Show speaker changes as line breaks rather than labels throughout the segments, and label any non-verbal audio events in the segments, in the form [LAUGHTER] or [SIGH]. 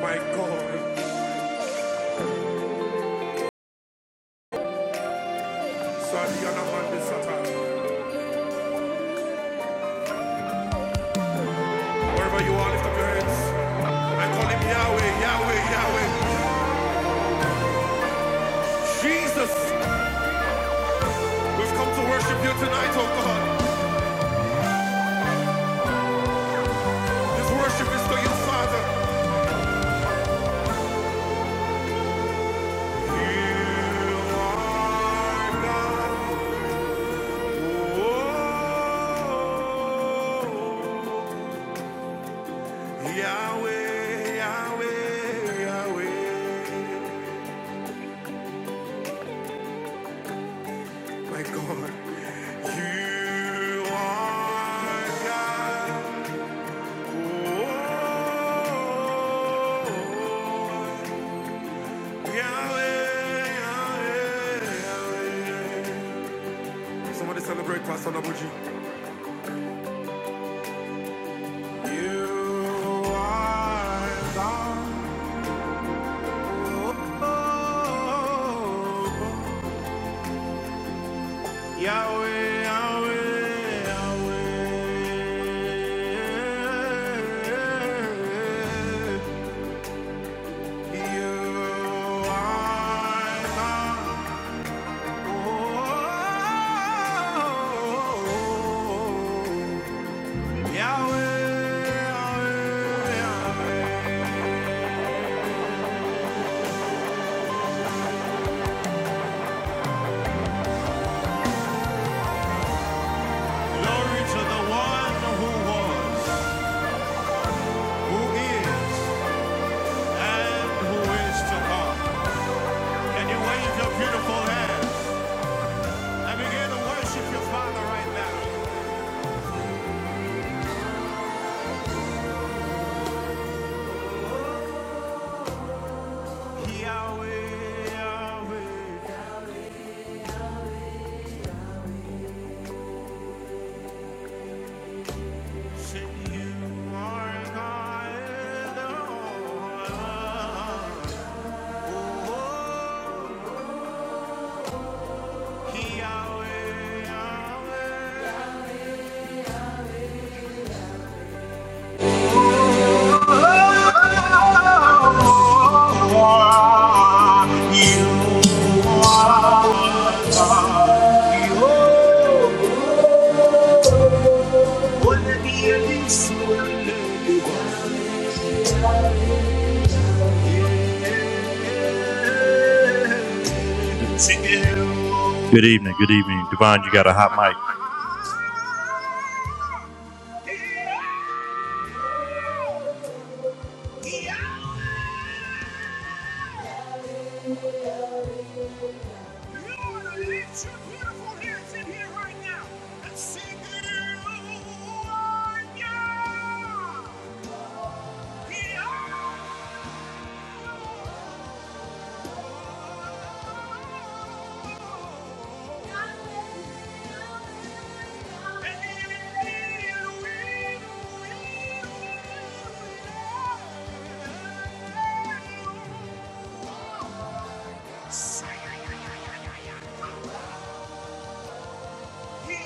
My God, Sadiana Mandisata. Wherever you are, lift up your hands. I call him Yahweh, Yahweh, Yahweh. Jesus, we've come to worship you tonight, oh God. This worship is to you, Father. You are God. Oh, Yahweh, Yahweh, Yahweh. My God, you are God. Oh, Yahweh, Yahweh, Yahweh. Somebody celebrate Pastor Nabuji. You are God. Yahweh, Yahweh, Yahweh. You are God. Yahweh, Yahweh, glory to the one who was, who is, and who is to come. Can you wave your beautiful hands and begin to worship your Father right now? Yahweh, Yahweh, sing you are God alone. Yahweh, Yahweh. Good evening, good evening. Divine, you got a hot mic. Hallelujah. You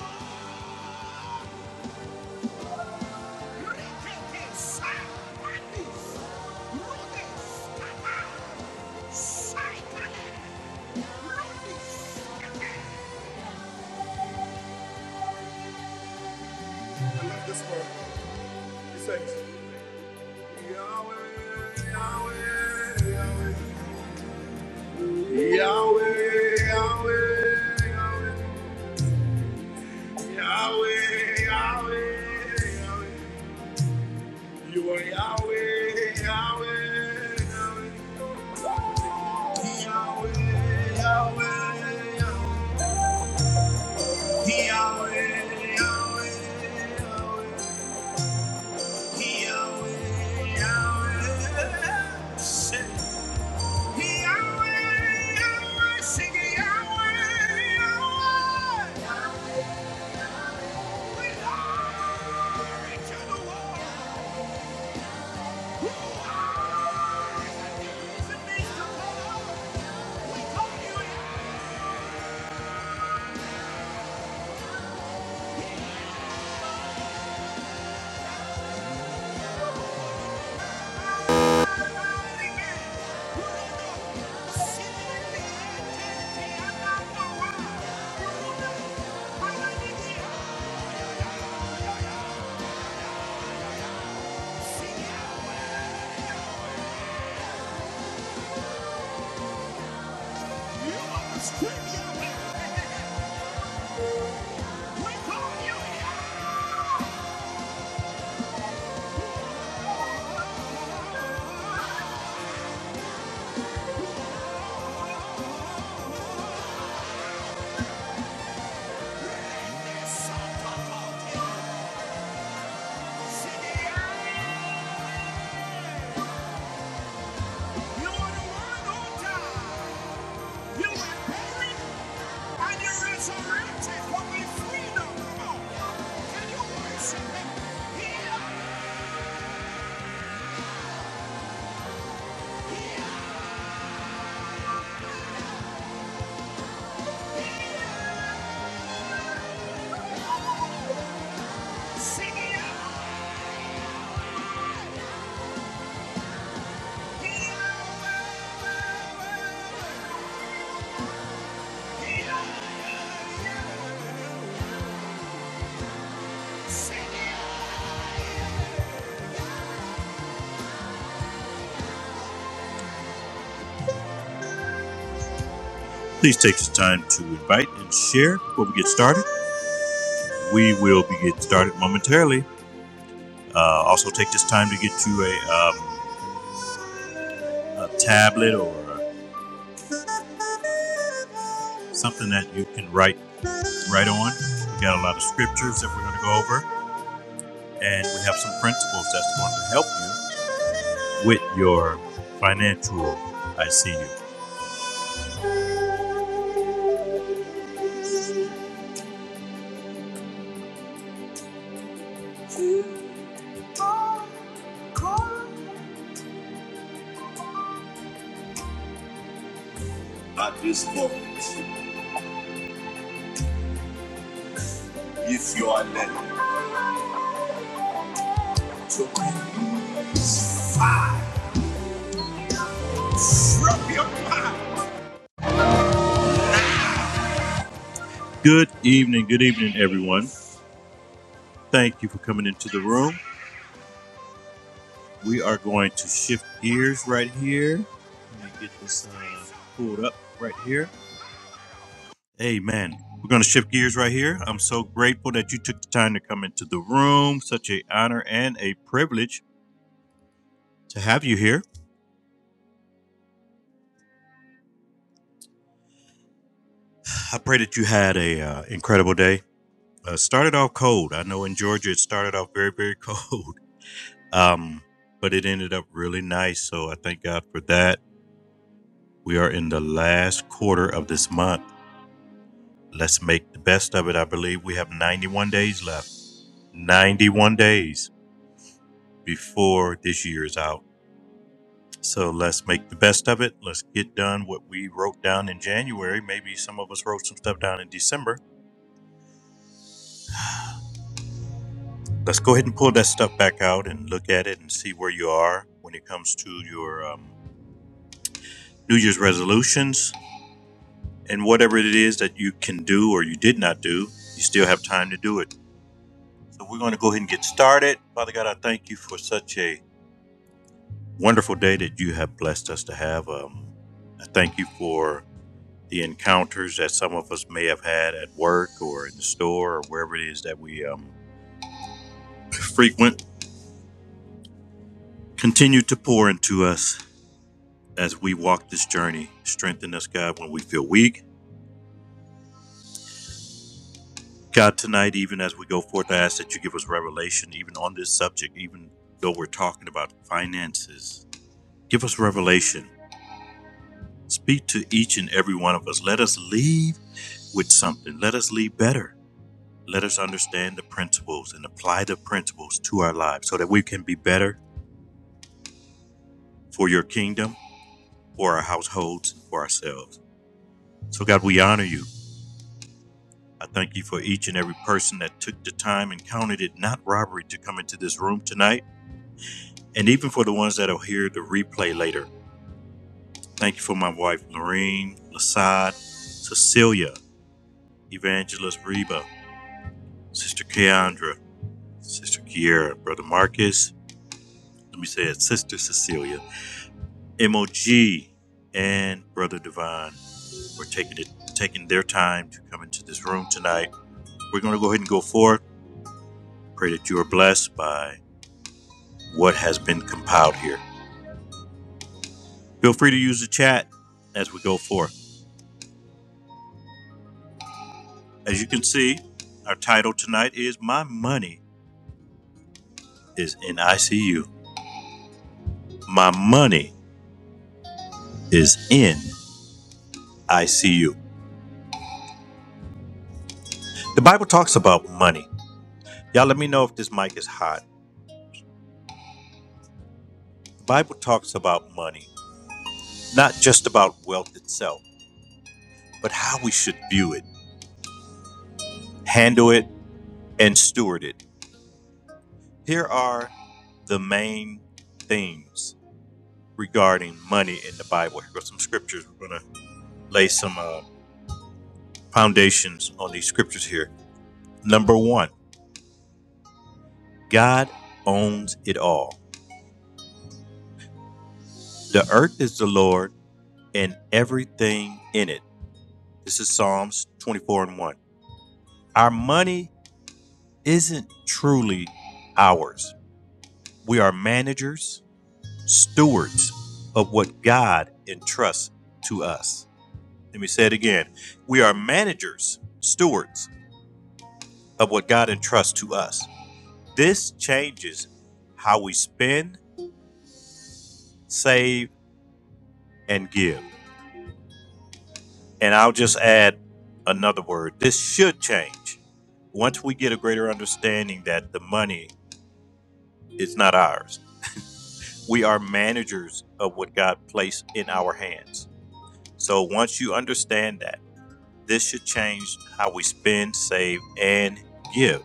are. Yahweh, Yahweh, Yahweh. We call Yahweh. Yeah. You are the one on time. You inherit and you resurrected when we freedom. Come Can you worship him? Heal. oh, Sing it. Heal. Sing it. Please take the time to invite and share before we get started. We will be getting started momentarily. Uh, also, take this time to get you a, um, a tablet or something that you can write write on. We got a lot of scriptures that we're going to go over. and we have some principles that's going to help you with your financial ICU. At this point, if you are led. Good evening, good evening, everyone. Thank you for coming into the room. We are going to shift gears right here. Let me get this uh, pulled up right here. Amen. We're going to shift gears right here. I'm so grateful that you took the time to come into the room. Such a honor and a privilege to have you here. I pray that you had a uh, incredible day. Uh, started off cold. I know in Georgia it started off very very cold, [LAUGHS] um, but it ended up really nice. So I thank God for that. We are in the last quarter of this month. Let's make the best of it. I believe we have 91 days left. 91 days before this year is out. So let's make the best of it. Let's get done what we wrote down in January. Maybe some of us wrote some stuff down in December Let's go ahead and pull that stuff back out and look at it and see where you are when it comes to your um, New Year's resolutions and whatever it is that you can do or you did not do. You still have time to do it. So we're going to go ahead and get started. Father God, I thank you for such a wonderful day that you have blessed us to have. Um, I thank you for the encounters that some of us may have had at work or in the store or wherever it is that we um, frequent. Continue to pour into us. as we walk this journey. Strengthen us, God, when we feel weak. God, tonight, even as we go forth, I ask that you give us revelation, even on this subject, even though we're talking about finances. Give us revelation. Speak to each and every one of us. Let us leave with something. Let us leave better. Let us understand the principles and apply the principles to our lives so that we can be better for your kingdom, for our households, for ourselves. So, God, we honor you. I thank you for each and every person that took the time and counted it not robbery to come into this room tonight, and even for the ones that'll hear the replay later. Thank you for my wife, Lorene, Lasad, Cecilia, Evangelist Reba, Sister Keandra, Sister Kiera, Brother Marcus, let me say it, Sister Cecilia, MOG, and Brother Divine for taking it, taking their time to come into this room tonight. We're going to go ahead and go forth. Pray that you are blessed by what has been compiled here. Feel free to use the chat as we go forth. As you can see, our title tonight is My Money is in ICU. My money is in ICU. The Bible talks about money. Y'all let me know if this mic is hot. The Bible talks about money, not just about wealth itself, but how we should view it, handle it, and steward it. Here are the main themes regarding money in the Bible. Here are some scriptures we're going to lay some uh, foundations on these scriptures here. Number one, God owns it all. The earth is the Lord and everything in it. This is Psalms 24 and 1. Our money isn't truly ours. We are managers, stewards of what God entrusts to us. Let me say it again. We are managers, stewards of what God entrusts to us. This changes how we spend save, and give. And I'll just add another word. This should change. Once we get a greater understanding that the money is not ours, we are managers of what God placed in our hands. So once you understand that, this should change how we spend, save, and give.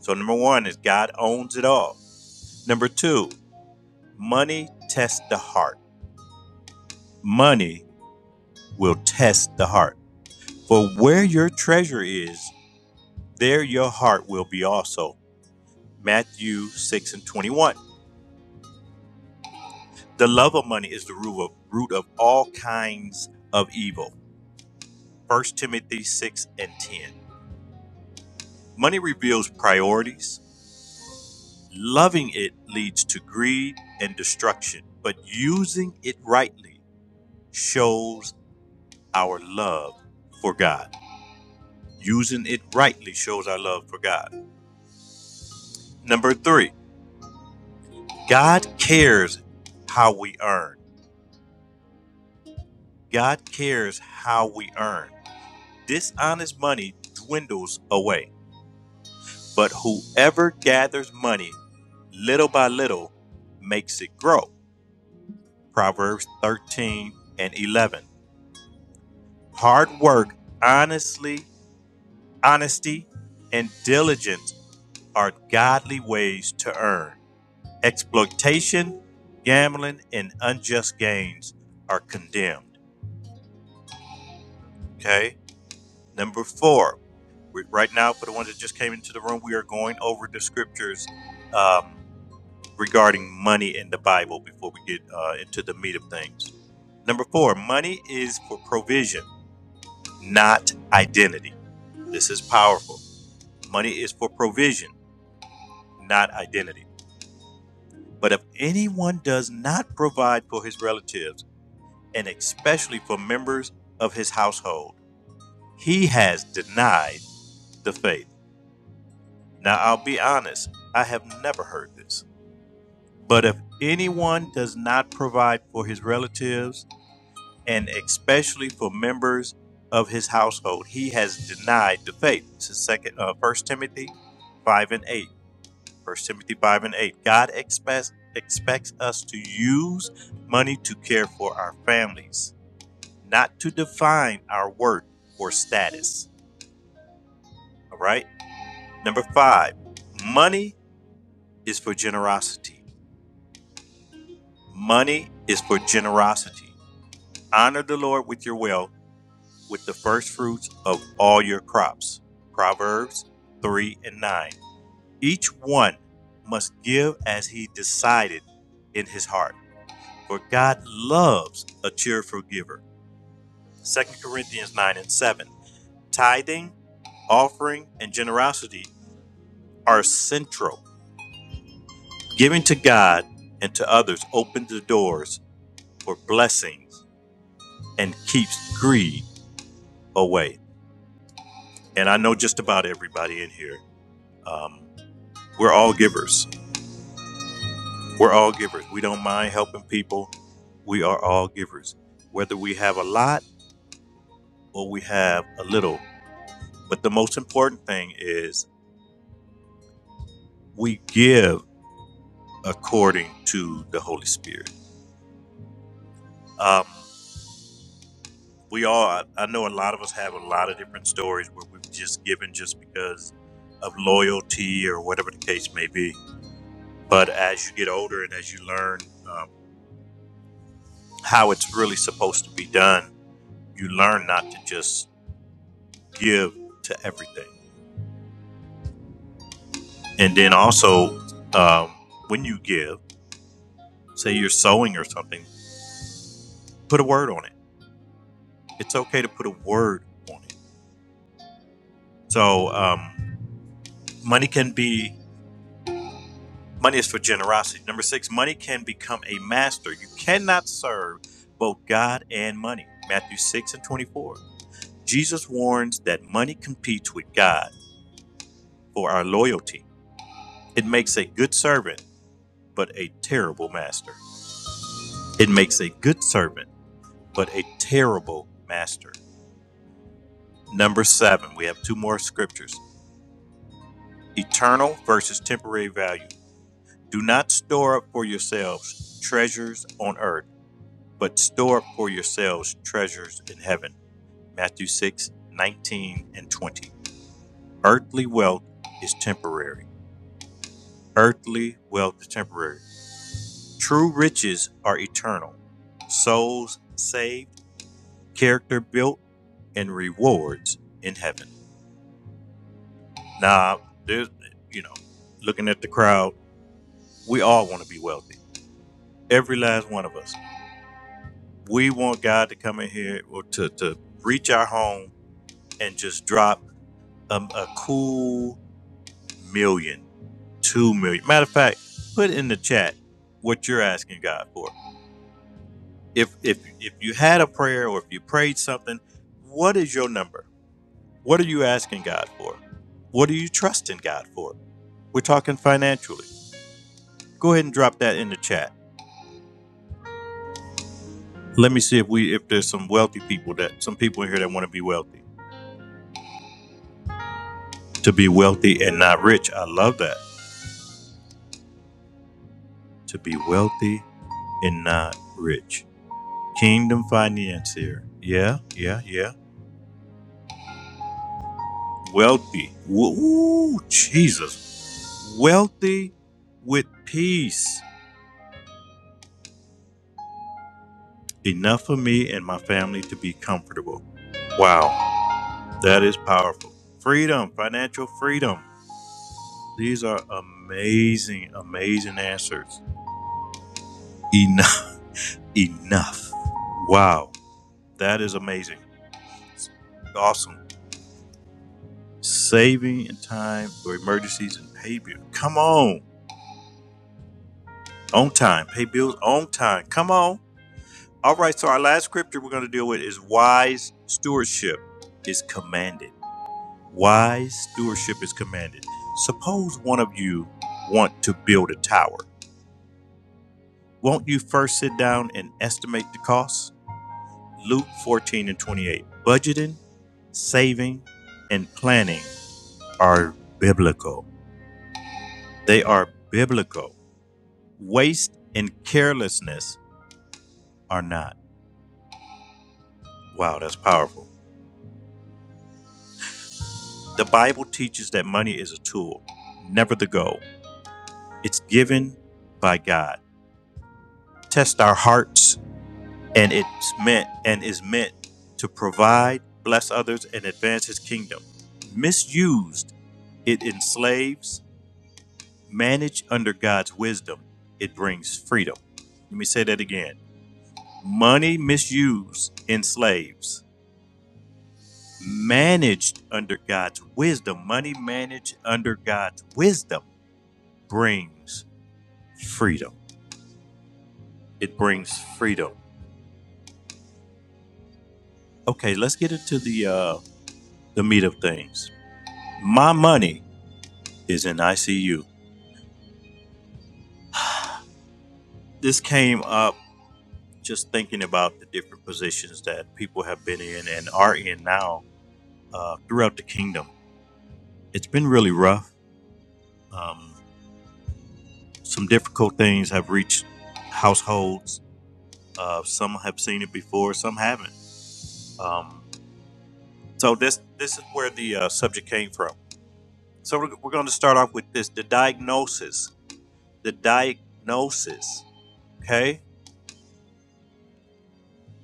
So, number one is God owns it all. Number two, money tests the heart. Money will test the heart. For where your treasure is, there your heart will be also. Matthew 6 and 21. The love of money is the root of, root of all kinds of evil. First Timothy 6 and 10. Money reveals priorities. Loving it leads to greed and destruction, but using it rightly shows our love for God. Using it rightly shows our love for God. Number three, God cares how we earn. God cares how we earn. dishonest money dwindles away, but whoever gathers money little by little makes it grow. Proverbs 13 and 11. Hard work, honestly, honesty, and diligence are godly ways to earn. Exploitation, gambling, and unjust gains are condemned. Okay? Number four. We, right now, for the ones that just came into the room, we are going over the scriptures. Um, regarding money in the Bible before we get uh, into the meat of things. Number four, money is for provision, not identity. This is powerful. Money is for provision, not identity. But if anyone does not provide for his relatives, and especially for members of his household, he has denied the faith. Now, I'll be honest, I have never heard this. But if anyone does not provide for his relatives, and especially for members of his household. He has denied the faith. This is second, uh, 1 Timothy 5 and 8. First Timothy 5 and 8. God expects, expects us to use money to care for our families, not to define our worth or status. All right? Number five, money is for generosity. Money is for generosity. Honor the Lord with your wealth with the first fruits of all your crops. Proverbs 3 and 9. Each one must give as he decided in his heart, for God loves a cheerful giver. Second Corinthians 9 and 7. Tithing, offering, and generosity are central. Giving to God and to others opens the doors for blessings and keeps greed away. And I know just about everybody in here um, We're all givers. We're all givers. We don't mind helping people. We are all givers, whether we have a lot or we have a little. But the most important thing is we give according to the Holy Spirit. Um, we all, I know a lot of us have a lot of different stories where we've just given just because of loyalty or whatever the case may be. But as you get older and as you learn um, how it's really supposed to be done, you learn not to just give to everything. And then also, um, when you give, say you're sewing or something, put a word on it. It's okay to put a word on it. So, um, money can be, money is for generosity. Number six, money can become a master. You cannot serve both God and money. Matthew 6 and 24. Jesus warns that money competes with God for our loyalty. It makes a good servant, but a terrible master. It makes a good servant but a terrible master. Number seven, we have two more scriptures eternal versus temporary value. Do not store up for yourselves treasures on earth, but store up for yourselves treasures in heaven. Matthew 6:19 and 20. Earthly wealth is temporary. Earthly wealth is temporary. True riches are eternal. Souls saved, character built, and rewards in heaven. Now, there's, you know, looking at the crowd, we all want to be wealthy. Every last one of us. We want God to come in here or to, to reach our home and just drop um, a cool million, two million. Matter of fact, put in the chat what you're asking God for. If if if you had a prayer or if you prayed something, what is your number? What are you asking God for? What are you trusting God for? We're talking financially. Go ahead and drop that in the chat. Let me see if we if there's some wealthy people that some people in here that want to be wealthy. To be wealthy and not rich. I love that. To be wealthy and not rich. Kingdom finance here, Yeah, yeah, yeah. Wealthy. ooh, Jesus. Wealthy with peace. Enough for me and my family to be comfortable. Wow, that is powerful. Freedom, financial freedom. These are amazing, amazing answers. Enough. enough. Wow, that is amazing. It's Awesome. Saving in time for emergencies and pay bills. Come on. On time. Pay bills on time. Come on. All right, so our last scripture we're going to deal with is wise stewardship is commanded. Wise stewardship is commanded. Suppose one of you want to build a tower. Won't you first sit down and estimate the cost? Luke 14 and 28. Budgeting, saving, and planning are biblical. They are biblical. Waste and carelessness are not. Wow, that's powerful. The Bible teaches that money is a tool, never the goal. It's given by God. Test our hearts and it's meant and is meant to provide, bless others, and advance his kingdom. Misused, it enslaves Manage under God's wisdom, it brings freedom. Let me say that again. Money misused enslaves. Managed under God's wisdom, money managed under God's wisdom brings freedom. It brings freedom. Okay, let's get into the uh, the meat of things. My money is in ICU. This came up just thinking about the different positions that people have been in and are in now uh, throughout the kingdom It's been really rough. Um, some difficult things have reached households. Uh, some have seen it before, some haven't. Um, so this this is where the uh, subject came from. So we're, we're going to start off with this: the diagnosis. The diagnosis. Okay,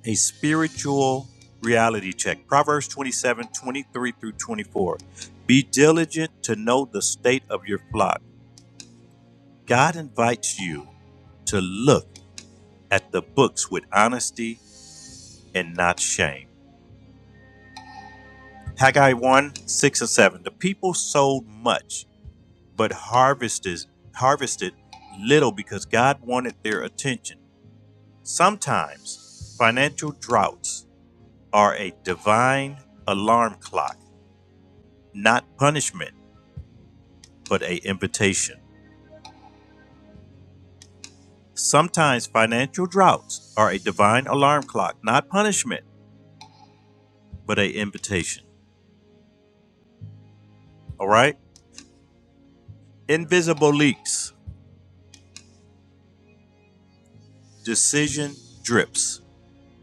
a spiritual reality check. Proverbs 27 23 through 24. Be diligent to know the state of your flock. God invites you to look at the books with honesty and not shame. Haggai 1 6 and 7. The people sowed much, but harvested, harvested little because God wanted their attention. Sometimes financial droughts are a divine alarm clock, not punishment, but a invitation. Sometimes financial droughts are a divine alarm clock, not punishment, but a invitation. All right? Invisible leaks, decision drips.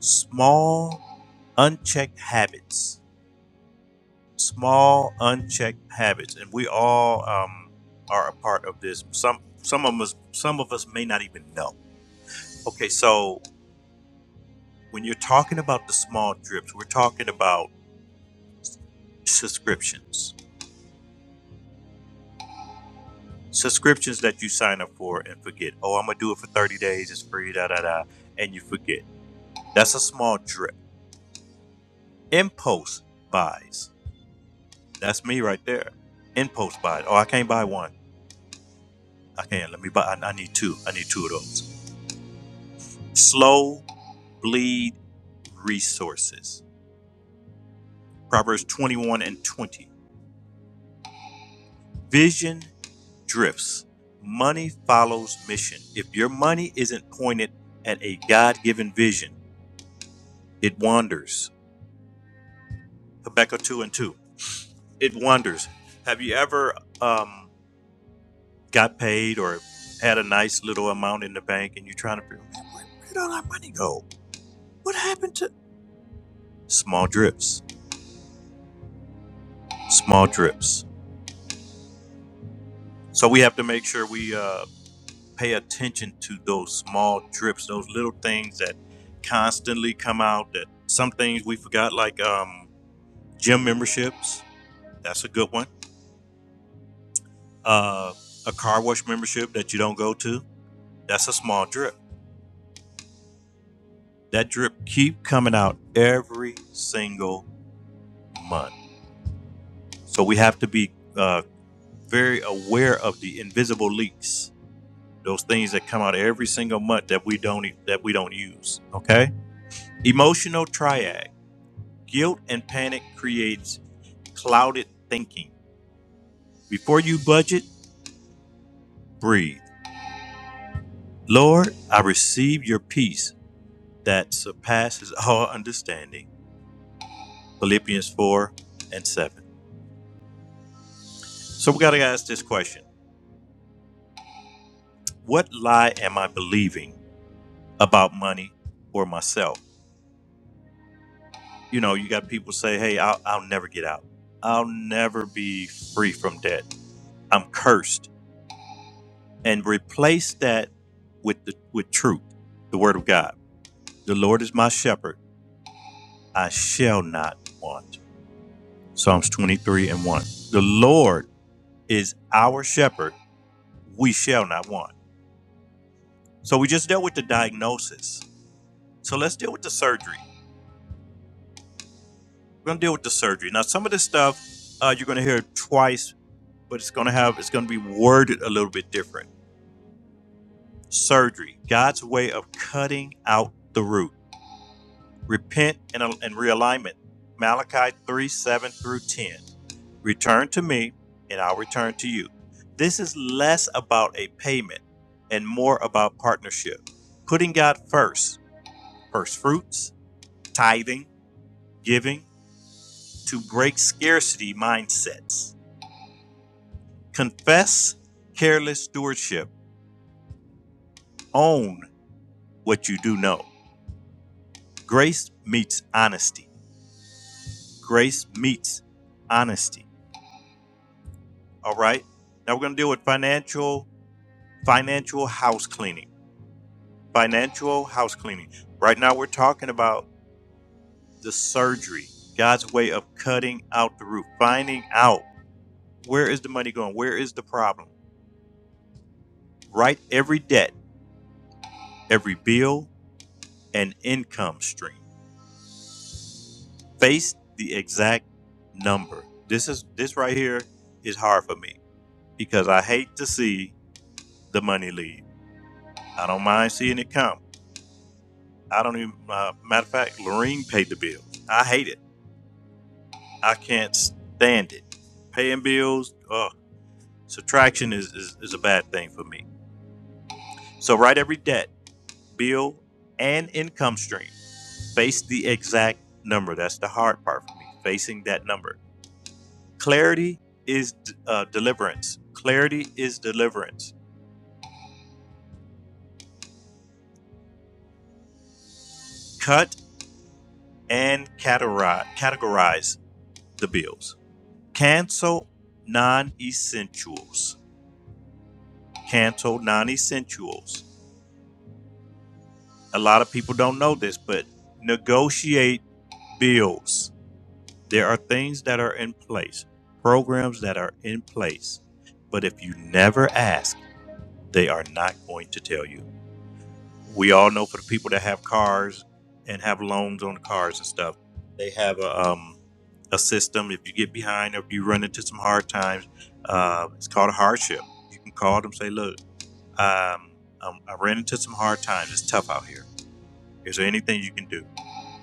small unchecked habits small unchecked habits and we all um, are a part of this some some of us some of us may not even know okay so when you're talking about the small drips we're talking about subscriptions subscriptions that you sign up for and forget oh i'm gonna do it for 30 days it's free da da da and you forget that's a small drip impulse buys that's me right there impulse buys oh i can't buy one Okay, let me. buy. I, need two. I need two of those. Slow bleed resources. Proverbs 21 and 20. Vision drifts. Money follows mission. If your money isn't pointed at a God given vision, it wanders. Habakkuk 2 and 2. It wanders. Have you ever um, got paid or had a nice little amount in the bank and you're trying to figure out where, did all our money go? What happened to small drips? Small drips. So we have to make sure we uh, pay attention to those small drips, those little things that constantly come out. That some things we forgot, like um, gym memberships. That's a good one. Uh, a car wash membership that you don't go to. That's a small drip. That drip keep coming out every single month. So we have to be uh, very aware of the invisible leaks. Those things that come out every single month that we don't e, that we don't use. Okay. Emotional triad. Guilt and panic creates clouded thinking. Before you budget, breathe. Lord, I receive your peace that surpasses all understanding. Philippians 4 and 7. So we got to ask this question. What lie am I believing about money or myself? You know, you got people say, "Hey, I'll, I'll never get out. I'll never be free from debt. I'm cursed." and replace that with the with truth, the word of God. The Lord is my shepherd; I shall not want. Psalms 23 and 1. The Lord is our shepherd; we shall not want. So we just dealt with the diagnosis. So let's deal with the surgery. We're gonna deal with the surgery. Now some of this stuff uh, you're gonna hear twice, but it's gonna have it's gonna be worded a little bit different. Surgery, God's way of cutting out the root. repent and, and realignment. Malachi 3 7 through 10. Return to me, and I'll return to you. This is less about a payment and more about partnership. Putting God first, first fruits, tithing, giving, to break scarcity mindsets. Confess careless stewardship. Own what you do know. Grace meets honesty. Grace meets honesty. All right. Now we're going to deal with financial financial house cleaning. Financial house cleaning. Right now, we're talking about the surgery, God's way of cutting out the roof, finding out where is the money going, where is the problem. Write every debt, every bill, and income stream. Face the exact number. This is this right here is hard for me because I hate to see the money leave. I don't mind seeing it come. I don't even. Uh, matter of fact, Lorene paid the bill. I hate it. I can't stand it. Paying bills, uh, subtraction is, is, is a bad thing for me. So write every debt, bill, and income stream. Face the exact number. That's the hard part for me, facing that number. Clarity is uh, deliverance. Clarity is deliverance. Cut and categorize, categorize the bills. Cancel non essentials. Cancel non essentials. a lot of people don't know this, but negotiate bills. There are things that are in place, programs that are in place. But if you never ask, they are not going to tell you. We all know for the people that have cars and have loans on the cars and stuff, they have a, um, a system. If you get behind or if you run into some hard times, uh, it's called a hardship. You can call them, say, look, um, um, I ran into some hard times. It's tough out here. Is there anything you can do?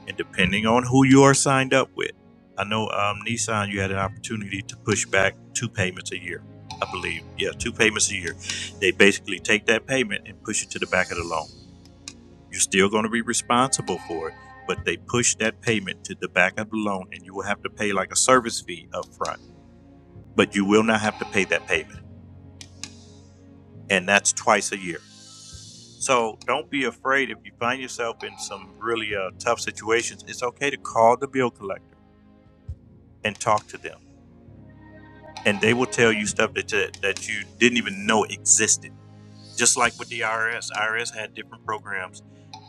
and depending on who you are signed up with. I know um, Nissan, you had an opportunity to push back two payments a year, I believe. Yeah, two payments a year. They basically take that payment and push it to the back of the loan. You're still going to be responsible for it, but they push that payment to the back of the loan, and you will have to pay like a service fee up front. But you will not have to pay that payment, and that's twice a year. So don't be afraid if you find yourself in some really uh, tough situations. It's okay to call the bill collector and talk to them and they will tell you stuff that you, that you didn't even know existed. Just like with the IRS, IRS had different programs,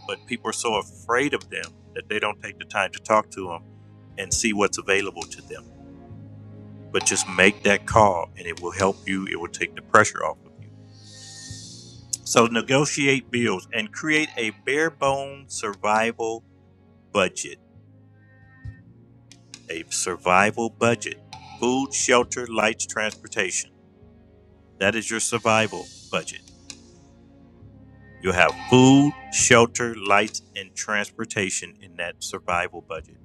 but people are so afraid of them that they don't take the time to talk to them and see what's available to them. But just make that call, and it will help you. It will take the pressure off of you. So negotiate bills and create a bare bones survival budget. A survival budget: food, shelter, lights, transportation. That is your survival budget. You'll have food, shelter, lights, and transportation in that survival budget.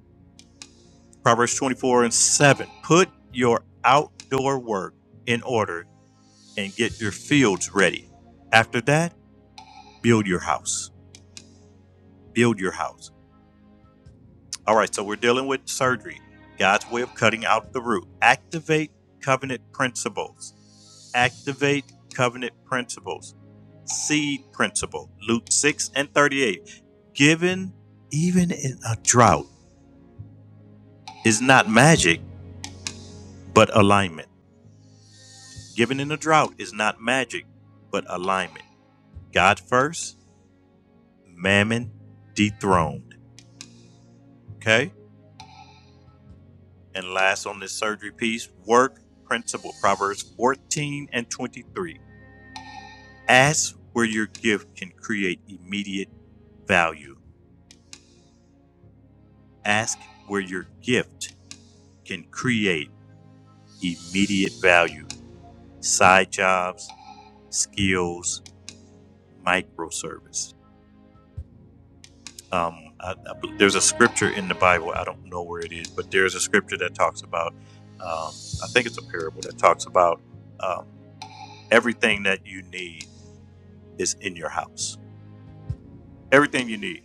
Proverbs 24 and 7. Put your outdoor work in order and get your fields ready. After that, build your house. Build your house. All right, so we're dealing with surgery, God's way of cutting out the root. Activate covenant principles activate covenant principles. Seed principle, Luke 6 and 38. Given even in a drought is not magic, but alignment. Given in a drought is not magic, but alignment. God first, mammon dethroned. Okay? And last on this surgery piece, work principle, Proverbs 14 and 23. Ask where your gift can create immediate value. Ask where your gift can create immediate value, side jobs, skills, microservice. Um, I, I there's a scripture in the Bible, I don't know where it is, but there's a scripture that talks about, um, I think it's a parable that talks about um, everything that you need is in your house. Everything you need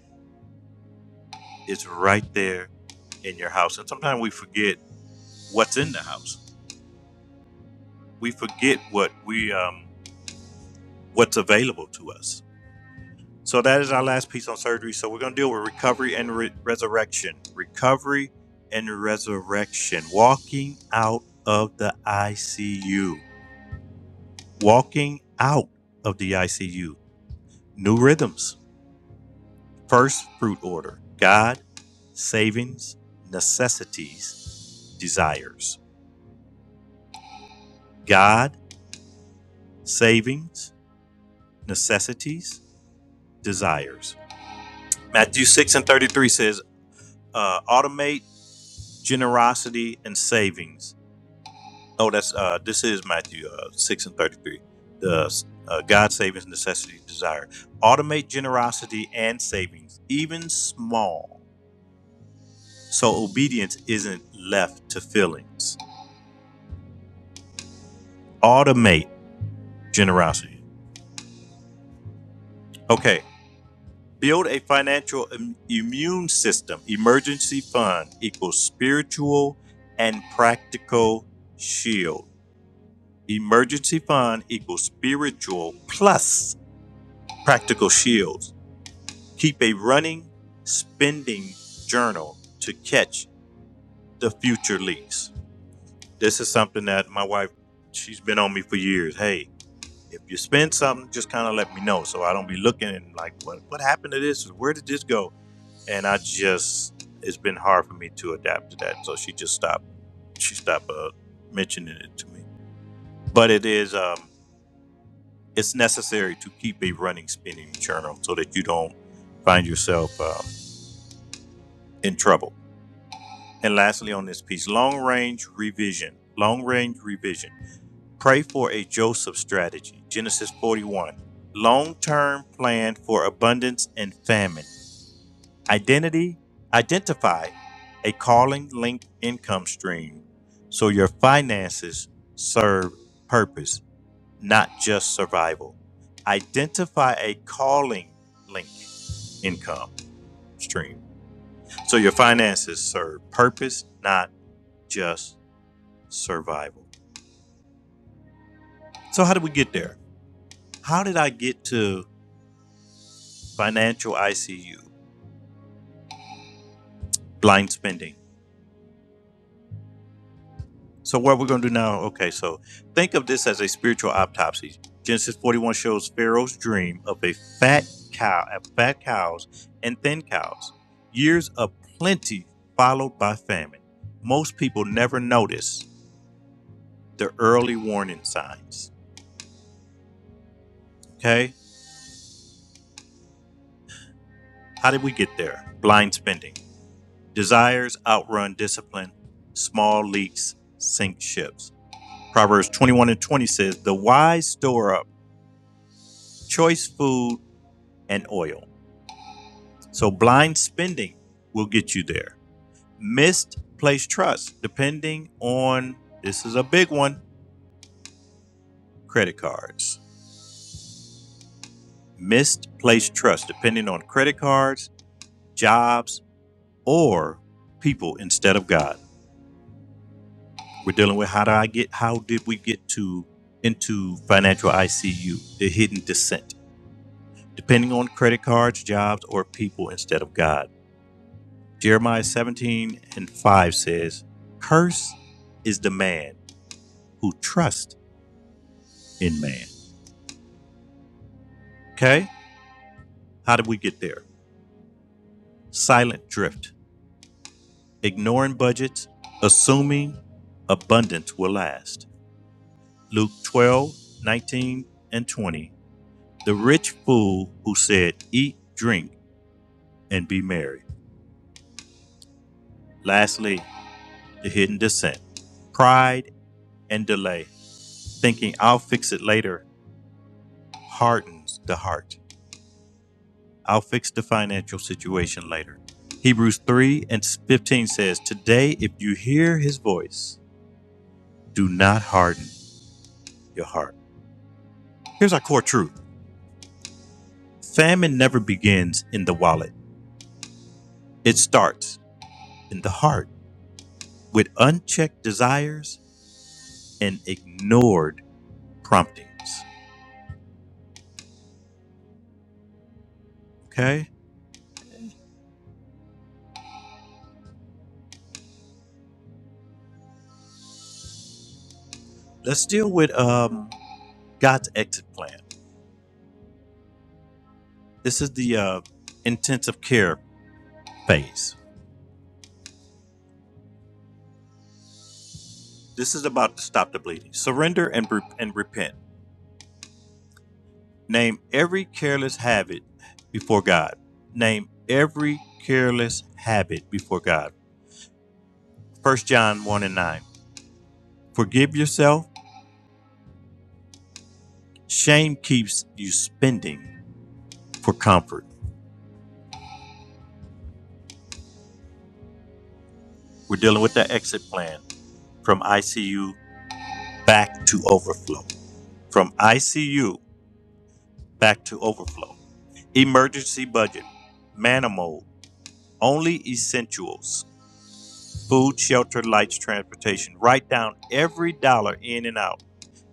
is right there in your house. And sometimes we forget what's in the house. We forget what we um, what's available to us So that is our last piece on surgery. So we're going to deal with recovery and re- resurrection. Recovery and resurrection. Walking out of the ICU. Walking out of the ICU. New rhythms. First fruit order. God, savings, necessities, desires. God, savings, necessities, desires. Matthew 6 and 33 says, uh, automate generosity and savings No, that's uh, this is Matthew uh, six and thirty-three. The uh, God savings necessity desire automate generosity and savings, even small, so obedience isn't left to feelings. Automate generosity. Okay, build a financial im- immune system. Emergency fund equals spiritual and practical shield. Emergency fund equals spiritual plus practical shields Keep a running spending journal to catch the future leaks. This is something that my wife, she's been on me for years. Hey, if you spend something, just kind of let me know so I don't be looking and like, what, what happened to this? Where did this go? And I just, it's been hard for me to adapt to that. So she just stopped, she stopped uh, mentioning it to me. But it is, um, it's necessary to keep a running spending journal so that you don't find yourself um, in trouble And lastly, on this piece, long range revision. Long range revision. Pray for a Joseph strategy. Genesis 41. Long term plan for abundance and famine. Identity. Identify a calling linked income stream so your finances serve purpose, not just survival. Identify a calling linked income stream so your finances serve purpose, not just survival. So, how did we get there? How did I get to financial ICU, blind spending? So, what we're going to do now, okay, so think of this as a spiritual autopsy. Genesis 41 shows Pharaoh's dream of a fat cow, fat cows and thin cows. Years of plenty followed by famine. Most people never notice the early warning signs. Okay? How did we get there? Blind spending. Desires outrun discipline, small leaks sink ships. Proverbs 21 and 20 says, The wise store up choice food and oil. So blind spending will get you there. Misplaced trust, depending on this is a big one credit cards. Misplaced trust, depending on credit cards, jobs, or people instead of God. We're dealing with how do I get how did we get to into financial ICU, the hidden descent, depending on credit cards, jobs, or people instead of God. Jeremiah 17 and 5 says, Curse is the man who trusts in man. Okay? How did we get there? Silent drift, ignoring budgets, assuming abundance will last. Luke 12 19 and 20. The rich fool who said, Eat, drink and be merry. Lastly, the hidden descent. Pride and delay, thinking I'll fix it later, hardens the heart. I'll fix the financial situation later. Hebrews 3 and 15 says, Today, if you hear his voice, do not harden your heart. Here's our core truth famine never begins in the wallet, it starts in the heart with unchecked desires and ignored promptings. Okay? Let's deal with um, God's exit plan. This is the uh, intensive care phase. This is about to stop the bleeding. Surrender and, re- and repent. Name every careless habit before God. Name every careless habit before God. 1 John 1 and 9. Forgive yourself. Shame keeps you spending for comfort. We're dealing with the exit plan from ICU back to overflow. From ICU back to overflow. Emergency budget, manimal, only essentials, food, shelter, lights, transportation. Write down every dollar in and out.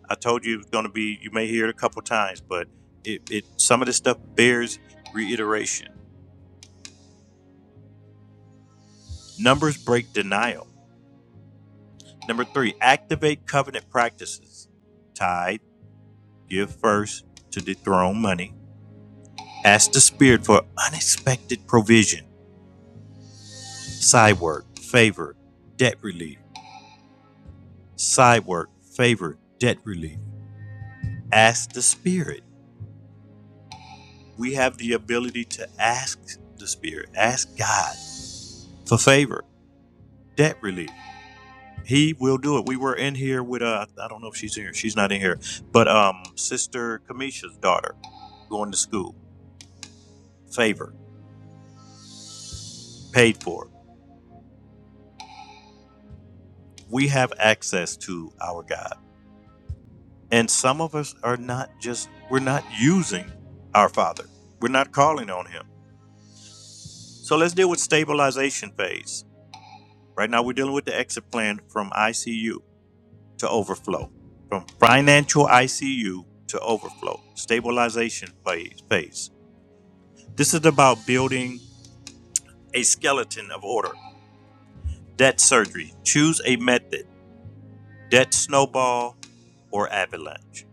I told you it's going to be, you may hear it a couple times, but it, it some of this stuff bears reiteration. Numbers break denial. Number three, activate covenant practices. Tithe, give first to dethrone money. Ask the Spirit for unexpected provision, side work, favor, debt relief side work, favor, debt relief. Ask the Spirit. We have the ability to ask the Spirit, ask God for favor, debt relief. He will do it. We were in here with uh, I don't know if she's in here. She's not in here, but um, Sister Kamisha's daughter going to school, favor, paid for. We have access to our God, and some of us are not just we're not using our Father. We're not calling on Him. So let's deal with stabilization phase Right now, we're dealing with the exit plan from ICU to overflow, from financial ICU to overflow, stabilization phase. This is about building a skeleton of order. Debt surgery. Choose a method debt snowball or avalanche.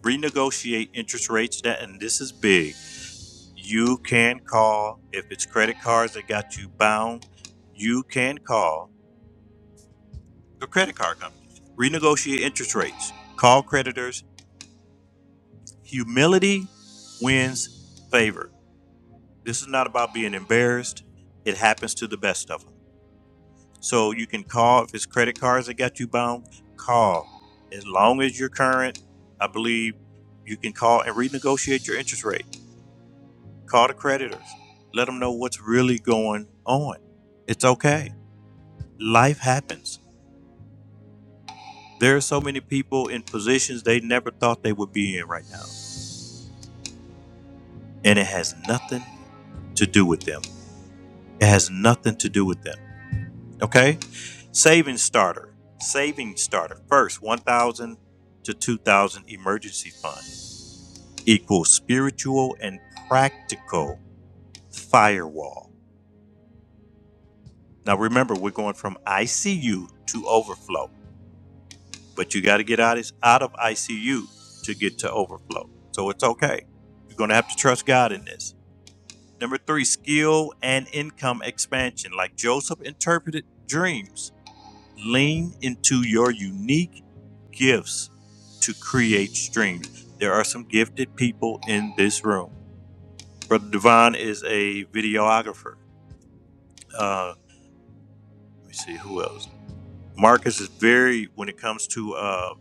Renegotiate interest rates, that, and this is big. You can call if it's credit cards that got you bound. You can call the credit card companies. Renegotiate interest rates. Call creditors Humility wins favor. This is not about being embarrassed. It happens to the best of them. So you can call if it's credit cards that got you bound, call. As long as you're current, I believe you can call and renegotiate your interest rate. Call the creditors. Let them know what's really going on. It's okay. Life happens. There are so many people in positions they never thought they would be in right now. And it has nothing to do with them. It has nothing to do with them. Okay. Savings starter. Savings starter. First, 1000 to 2000 emergency fund equals spiritual and practical firewall. Now remember, we're going from ICU to overflow, but you got to get out out of ICU to get to overflow. So it's okay. You're going to have to trust God in this. Number 3, skill and income expansion. Like Joseph interpreted dreams lean into your unique gifts to create streams. There are some gifted people in this room. Brother Devon is a videographer. Uh, let me see who else. Marcus is very when it comes to uh,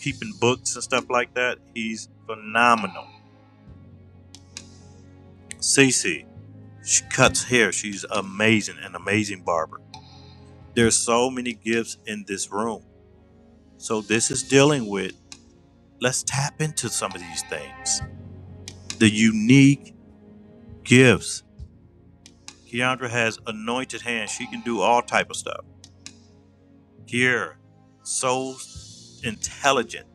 keeping books and stuff like that. He's phenomenal. Cece, she cuts hair. She's amazing, an amazing barber. There's so many gifts in this room. So this is dealing with. Let's tap into some of these things the unique gifts. Keandra has anointed hands. She can do all type of stuff. Kiera, so intelligent.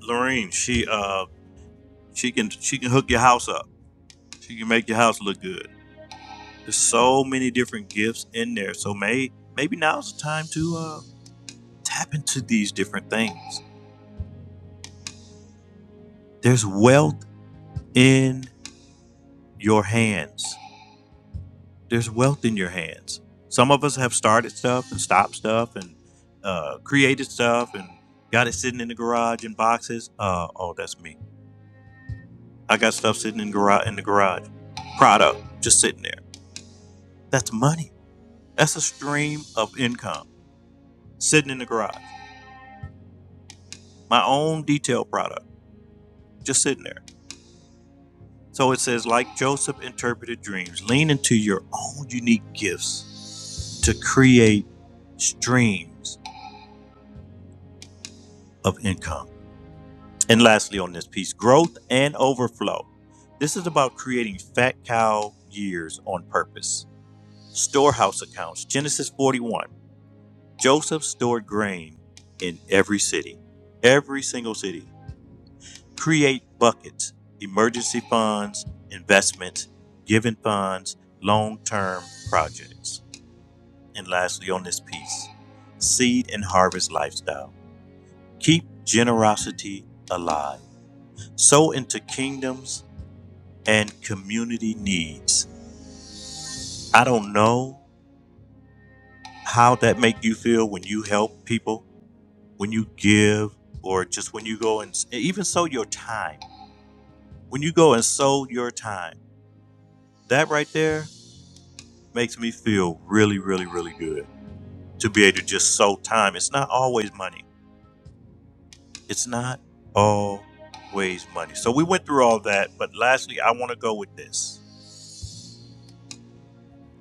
Lorraine, she uh she can she can hook your house up. She can make your house look good. There's so many different gifts in there. So may maybe now's the time to uh tap into these different things. There's wealth in your hands. there's wealth in your hands. Some of us have started stuff and stopped stuff and uh, created stuff and got it sitting in the garage in boxes. Uh, oh, that's me. I got stuff sitting in garage in the garage, product just sitting there. That's money. That's a stream of income sitting in the garage. My own detail product just sitting there. So it says, like Joseph interpreted dreams, lean into your own unique gifts to create streams of income. And lastly, on this piece, growth and overflow. This is about creating fat cow years on purpose. Storehouse accounts, Genesis 41. Joseph stored grain in every city, every single city. Create buckets, emergency funds, investments, given funds, long term projects. And lastly, on this piece, seed and harvest lifestyle. Keep generosity alive. Sow into kingdoms and community needs. I don't know how that make you feel when you help people, when you give, or just when you go and even sow your time. When you go and sow your time, that right there makes me feel really, really, really good to be able to just sow time. It's not always money. It's not always money. So we went through all that, but lastly, I want to go with this.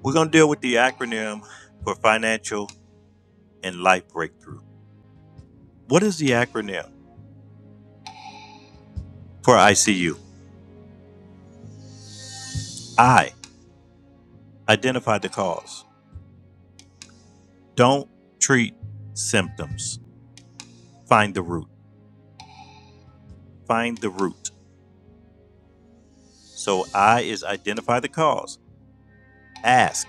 We're going to deal with the acronym for financial and life breakthrough. What is the acronym? for ICU. I identify the cause. Don't treat symptoms. Find the root. Find the root. So I is identify the cause. Ask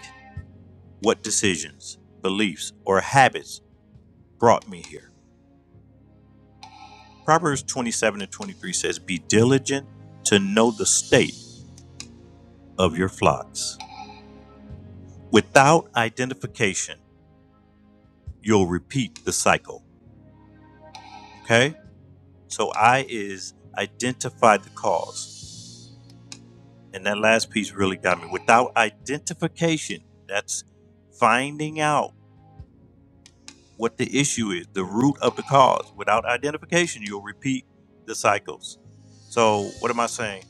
what decisions, beliefs, or habits brought me here. Proverbs 27 and 23 says, Be diligent to know the state of your flocks. Without identification, you'll repeat the cycle. Okay? So I is identify the cause. And that last piece really got me. Without identification, that's finding out what the issue is, the root of the cause. Without identification, you'll repeat the cycles. So, what am I saying?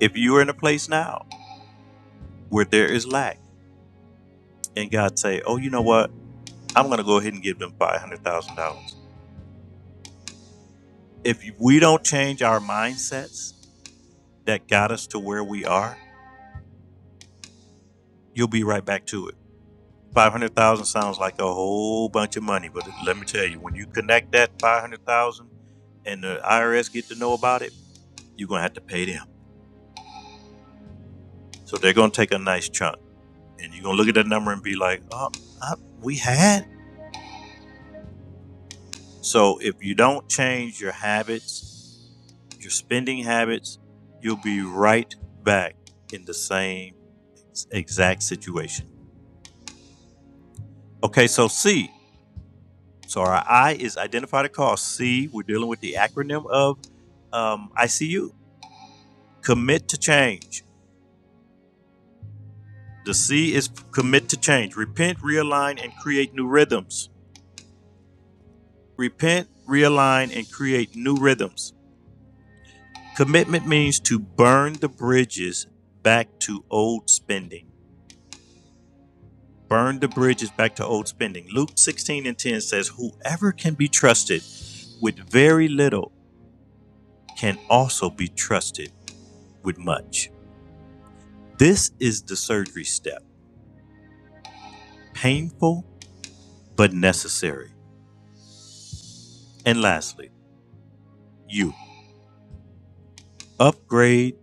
If you are in a place now where there is lack, and God say, "Oh, you know what? I'm going to go ahead and give them five hundred thousand dollars." If we don't change our mindsets that got us to where we are, you'll be right back to it Five hundred thousand sounds like a whole bunch of money, but let me tell you, when you connect that five hundred thousand and the IRS get to know about it, you're gonna have to pay them. So they're gonna take a nice chunk, and you're gonna look at that number and be like, "Oh, I, we had." So if you don't change your habits, your spending habits, you'll be right back in the same exact situation. Okay, so C, So our I is identify the cause. C, we're dealing with the acronym of um, ICU. Commit to change. The C is commit to change. Repent, realign, and create new rhythms. Repent, realign, and create new rhythms. Commitment means to burn the bridges back to old spending. Burn the bridges back to old spending. Luke 16 and 10 says, Whoever can be trusted with very little can also be trusted with much. This is the surgery step, painful but necessary. And lastly, you upgrade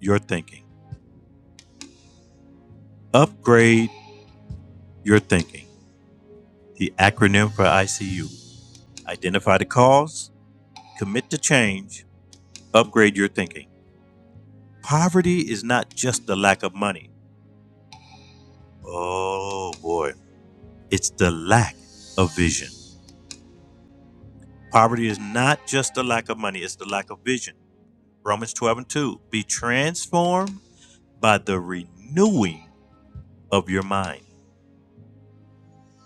your thinking. Upgrade your thinking. The acronym for ICU identify the cause, commit to change, upgrade your thinking. Poverty is not just the lack of money. Oh boy, it's the lack of vision. Poverty is not just the lack of money, it's the lack of vision. Romans 12 and 2 be transformed by the renewing of your mind.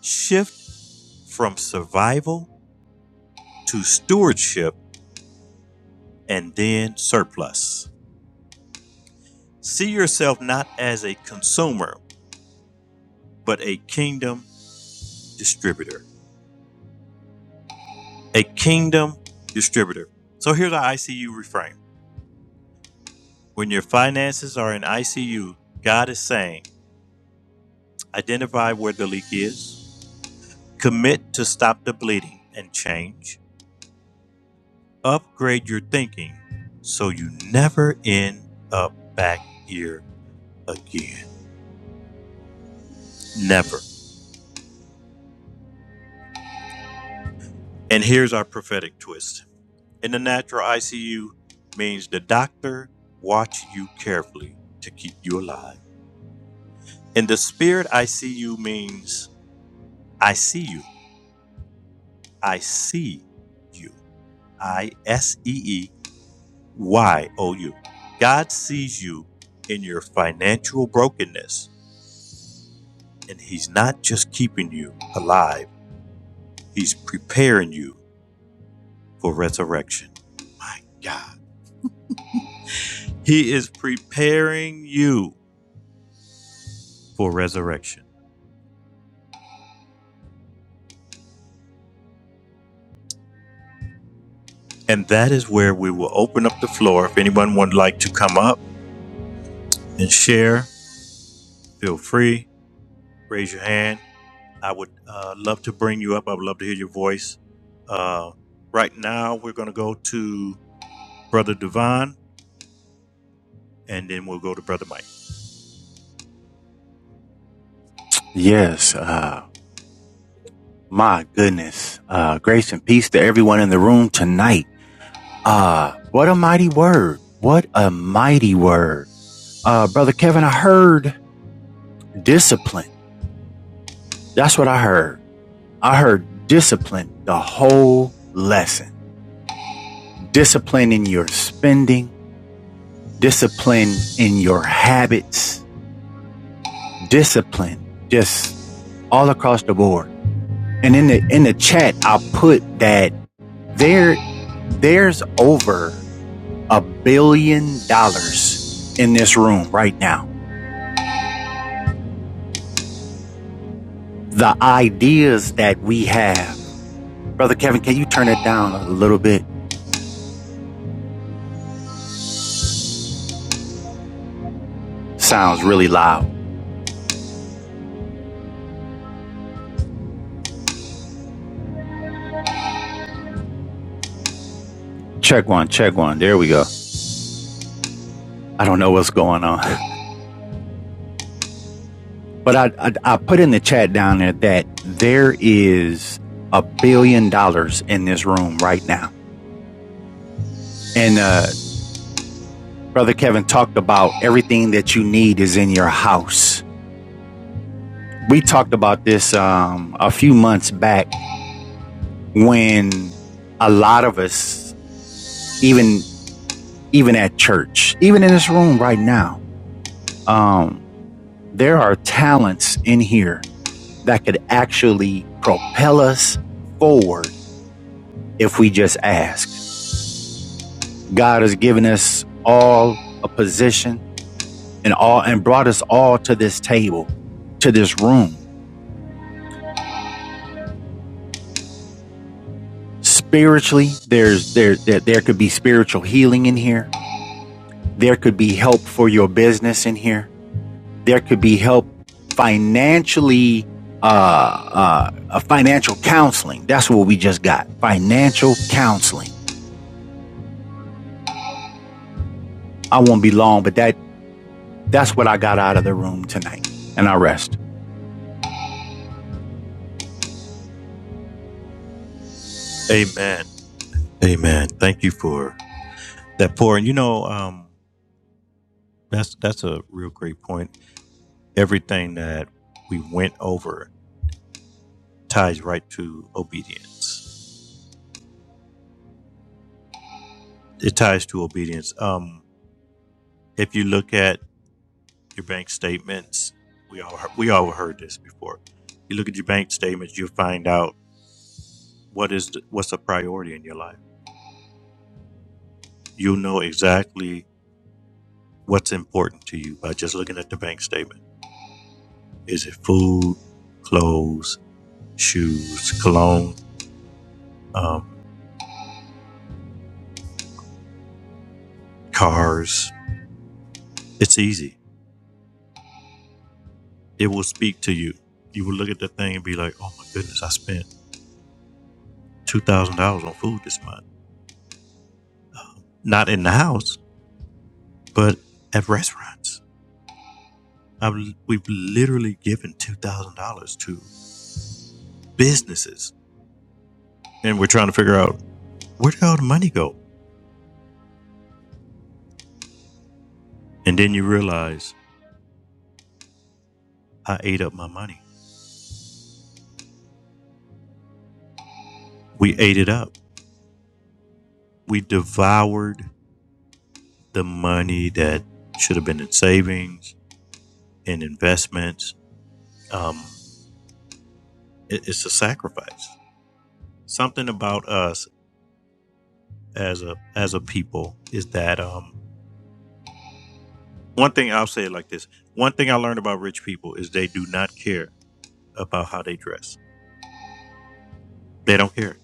Shift from survival to stewardship and then surplus. See yourself not as a consumer, but a kingdom distributor. A kingdom distributor. So here's our ICU reframe. When your finances are in ICU, God is saying, identify where the leak is, commit to stop the bleeding and change, Upgrade your thinking so you never end up back here again. Never. And here's our prophetic twist. In the natural ICU means the doctor watch you carefully to keep you alive. In the spirit ICU means I see you. I see you. I S E E Y O U. God sees you in your financial brokenness and he's not just keeping you alive. He's preparing you for resurrection. My God. He is preparing you for resurrection. And that is where we will open up the floor. If anyone would like to come up and share, feel free. Raise your hand. I would uh, love to bring you up. I would love to hear your voice. Uh, right now, we're going to go to Brother Devon and then we'll go to Brother Mike.
Yes, uh, my goodness. Uh, grace and peace to everyone in the room tonight. Uh, what a mighty word. What a mighty word. Uh, brother Kevin, I heard discipline. That's what I heard. I heard discipline the whole lesson. Discipline in your spending, discipline in your habits, discipline just all across the board. And in the, in the chat, I put that there, there's over a billion dollars in this room right now. The ideas that we have. Brother Kevin, can you turn it down a little bit? Sounds really loud. Check one, check one. There we go. I don't know what's going on. [LAUGHS] But I, I, I put in the chat down there that there is a billion dollars in this room right now. And, uh, Brother Kevin talked about everything that you need is in your house. We talked about this, um, a few months back when a lot of us, even, even at church, even in this room right now, um, there are talents in here that could actually propel us forward if we just ask. God has given us all a position and all and brought us all to this table, to this room. Spiritually, there's there there, there could be spiritual healing in here. There could be help for your business in here there could be help financially, uh, uh, a financial counseling. That's what we just got. Financial counseling. I won't be long, but that, that's what I got out of the room tonight and I rest.
Amen. Amen. Thank you for that pour. And you know, um, that's that's a real great point everything that we went over ties right to obedience. It ties to obedience. Um, if you look at your bank statements, we all we all heard this before. You look at your bank statements, you will find out what is the, what's a priority in your life. You'll know exactly what's important to you by just looking at the bank statement. Is it food, clothes, shoes, cologne, um, cars? It's easy it will speak to you. You will look at that thing and be like, oh my goodness, I spent $2,000 on food this month. Not in the house, but at restaurants. I've, we've literally given $2,000 to businesses. And we're trying to figure out where did all the money go? And then you realize I ate up my money. We ate it up. We devoured the money that should have been in savings, in investments. Um, it- it's a sacrifice. Something about us as a as a people is that um one thing I'll say it like this. One thing I learned about rich people is they do not care about how they dress. They don't care.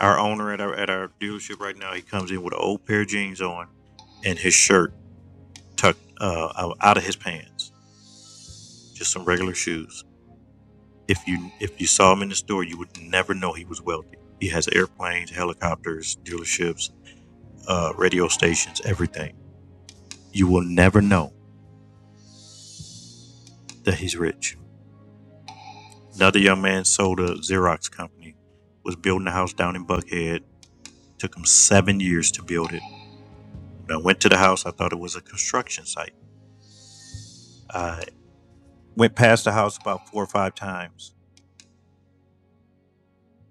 Our owner at our at our dealership right now, he comes in with an old pair of jeans on and his shirt tucked uh, out- of his pants, just some regular shoes. If you if you saw him in the store, you would never know he was wealthy. He has airplanes, helicopters, dealerships, uh, radio stations, everything. You will never know that he's rich Another young man sold a Xerox company, was building a house down in Buckhead. Took him seven years to build it. When I went to the house, I thought it was a construction site. I went past the house about four or five times,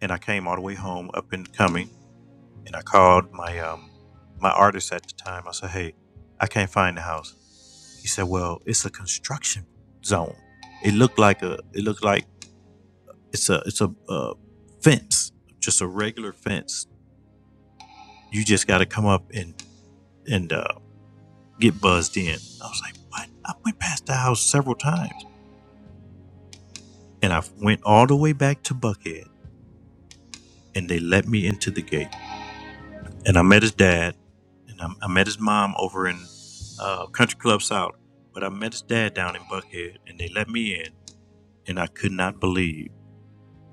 and I came all the way home up and coming, and I called my um, my artist at the time. I said, "Hey, I can't find the house." He said, "Well, it's a construction zone. It looked like a it looked like it's a it's a, uh fence, just a regular fence. You just got to come up and and." Uh, get buzzed in. I was like, what? I went past the house several times. And I went all the way back to Buckhead and they let me into the gate. And I met his dad and I, I met his mom over in uh, Country Club South. But I met his dad down in Buckhead and they let me in. And I could not believe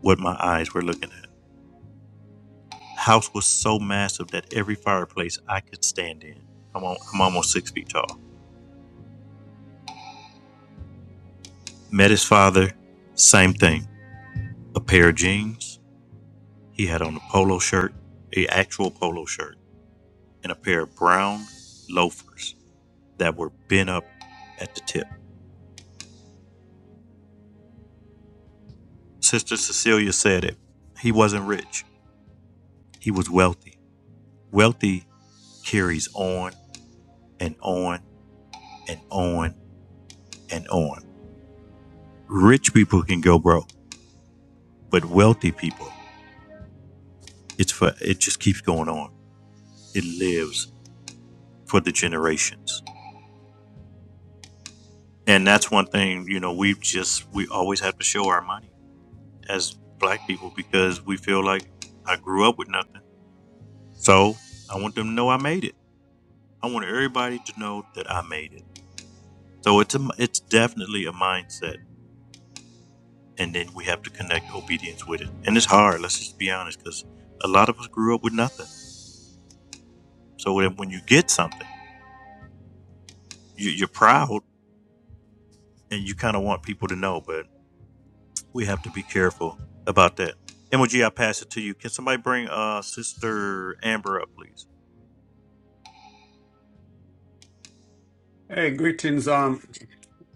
what my eyes were looking at. The House was so massive that every fireplace I could stand in. I'm, al- I'm almost six feet tall. Met his father, same thing. A pair of jeans, He had on a polo shirt, a actual polo shirt, and a pair of brown loafers that were bent up at the tip. Sister Cecilia said it. He wasn't rich. He was wealthy. Wealthy carries on and on and on and on. Rich people can go broke, but wealthy people, it's for it just keeps going on. It lives for the generations. And that's one thing, you know, we just we always have to show our money as black people because we feel like I grew up with nothing. So I want them to know I made it. I want everybody to know that I made it. So it's a, it's definitely a mindset, and then we have to connect obedience with it. And it's hard. Let's just be honest, because a lot of us grew up with nothing. So when when you get something, you, you're proud, and you kind of want people to know. But we have to be careful about that. MOG, I pass it to you. Can somebody bring uh, Sister Amber up, please?
Hey, greetings um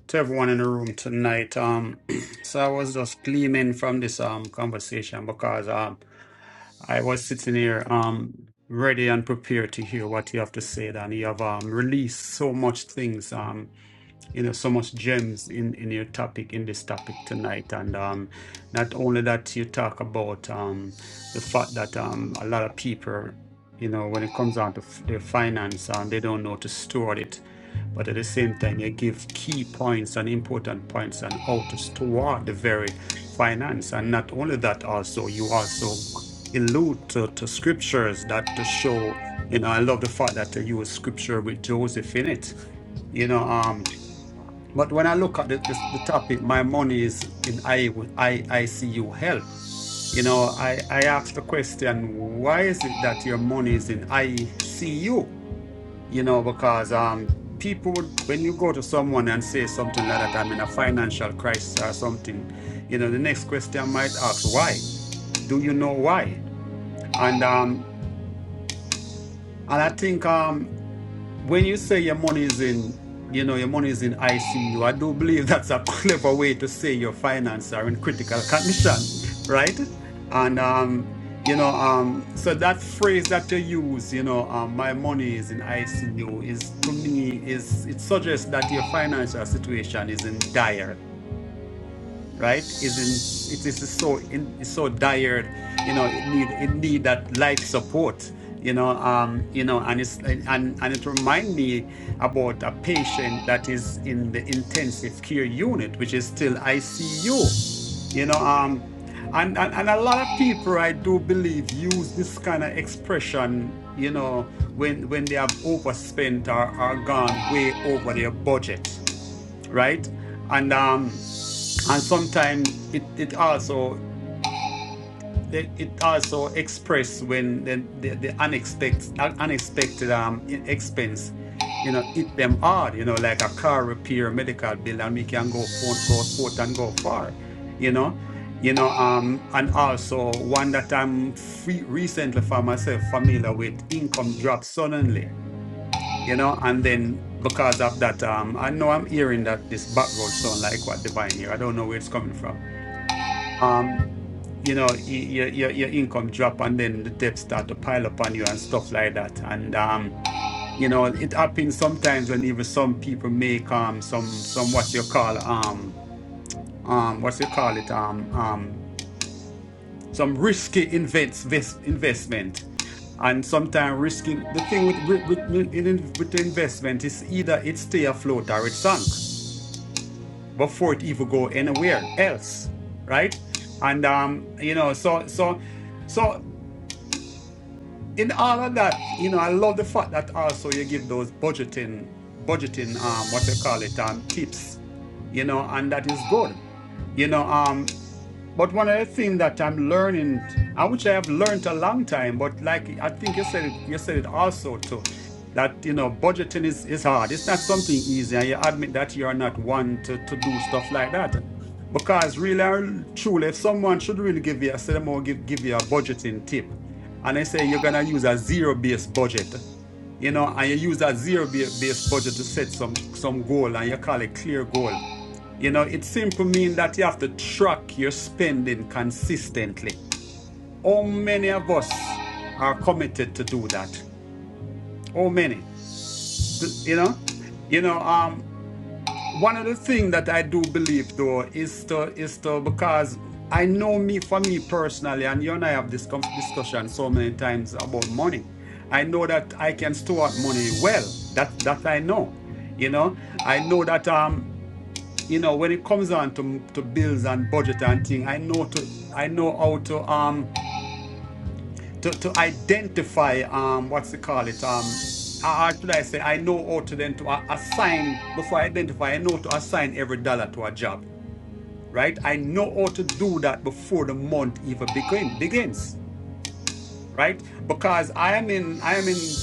to everyone in the room tonight. Um [CLEARS THROAT] so I was just gleaming from this um conversation because um I was sitting here um ready and prepared to hear what you have to say and you have um released so much things. um you know so much gems in in your topic in this topic tonight and um not only that you talk about um the fact that um a lot of people you know when it comes down to f- their finance um they don't know to store it but at the same time you give key points and important points on how to store the very finance and not only that also you also allude to, to scriptures that to show you know i love the fact that you use scripture with joseph in it you know um. But when I look at the, the, the topic, my money is in I, I, ICU help. You know, I, I asked the question, why is it that your money is in ICU? You know, because um, people would, when you go to someone and say something like that, I'm in a financial crisis or something, you know, the next question might ask, why? Do you know why? And um, and I think um, when you say your money is in, you know, your money is in ICU, I do believe that's a [LAUGHS] clever way to say your finances are in critical condition, right? And um, you know, um, so that phrase that you use, you know, um, my money is in ICU, is to me is it suggests that your financial situation is in dire right is in it is so in is so dire you know it need it need that life support you know um you know and it's and and and it remind me about a patient that is in the intensive care unit which is still ICU you know um and and, and a lot of people I do believe use this kind of expression you know when when they have overspent or are gone way over their budget right and um and sometimes it, it also they- it also express when the the, the unexpected unexpected um e- expense you know hit them hard you know like a car repair medical bill and we can go forth go forth and go far you know you know um and also one that i'm free, recently for myself familiar with income drops suddenly you know and then because of that um i know i'm hearing that this background sound like what divine here i don't know where it's coming from um you know, y- y- your your income drop and then the debt start to pile up on you and stuff like that. And um, you know, it happens sometimes when even some people make um some some what you call um um what you call it um um some risky invents ves- investment. And sometimes risking the thing with with with, with in- with the investment is either it stay afloat or it sunk before it even go anywhere else, right? And um, you know, so so so. in all of that, you know, I love the fact that also you give those budgeting, budgeting, um, what you call it, um, tips, you know, and that is good, you know, um. But one other thing that I'm learning, I which I've learned a long time, but like I think you said it, you said it also too, that you know budgeting is is hard. It's not something easy, and you admit that you are not one to to do stuff like that. Because really, and truly, if someone should really give you, I said, I'm going to give give you a budgeting tip, and they say you're gonna use a zero based budget, you know, and you use a zero based budget to set some some goal, and you call it clear goal you know, it simply means that you have to track your spending consistently. How many of us are committed to do that? How many? Th- You know, you know. Um, one of the things that I do believe though is to is to because I know me for me personally, and you and I have this com- discussion so many times about money. I know that I can store up money well. That that I know. You know, I know that. um. you know, when it comes on to to bills and budget and thing, I know to I know how to um to to identify um what's it call it um or should I say I know how to then to a- assign before I identify I know to assign every dollar to a job right I know how to do that before the month even begin, begins right because I am in I am in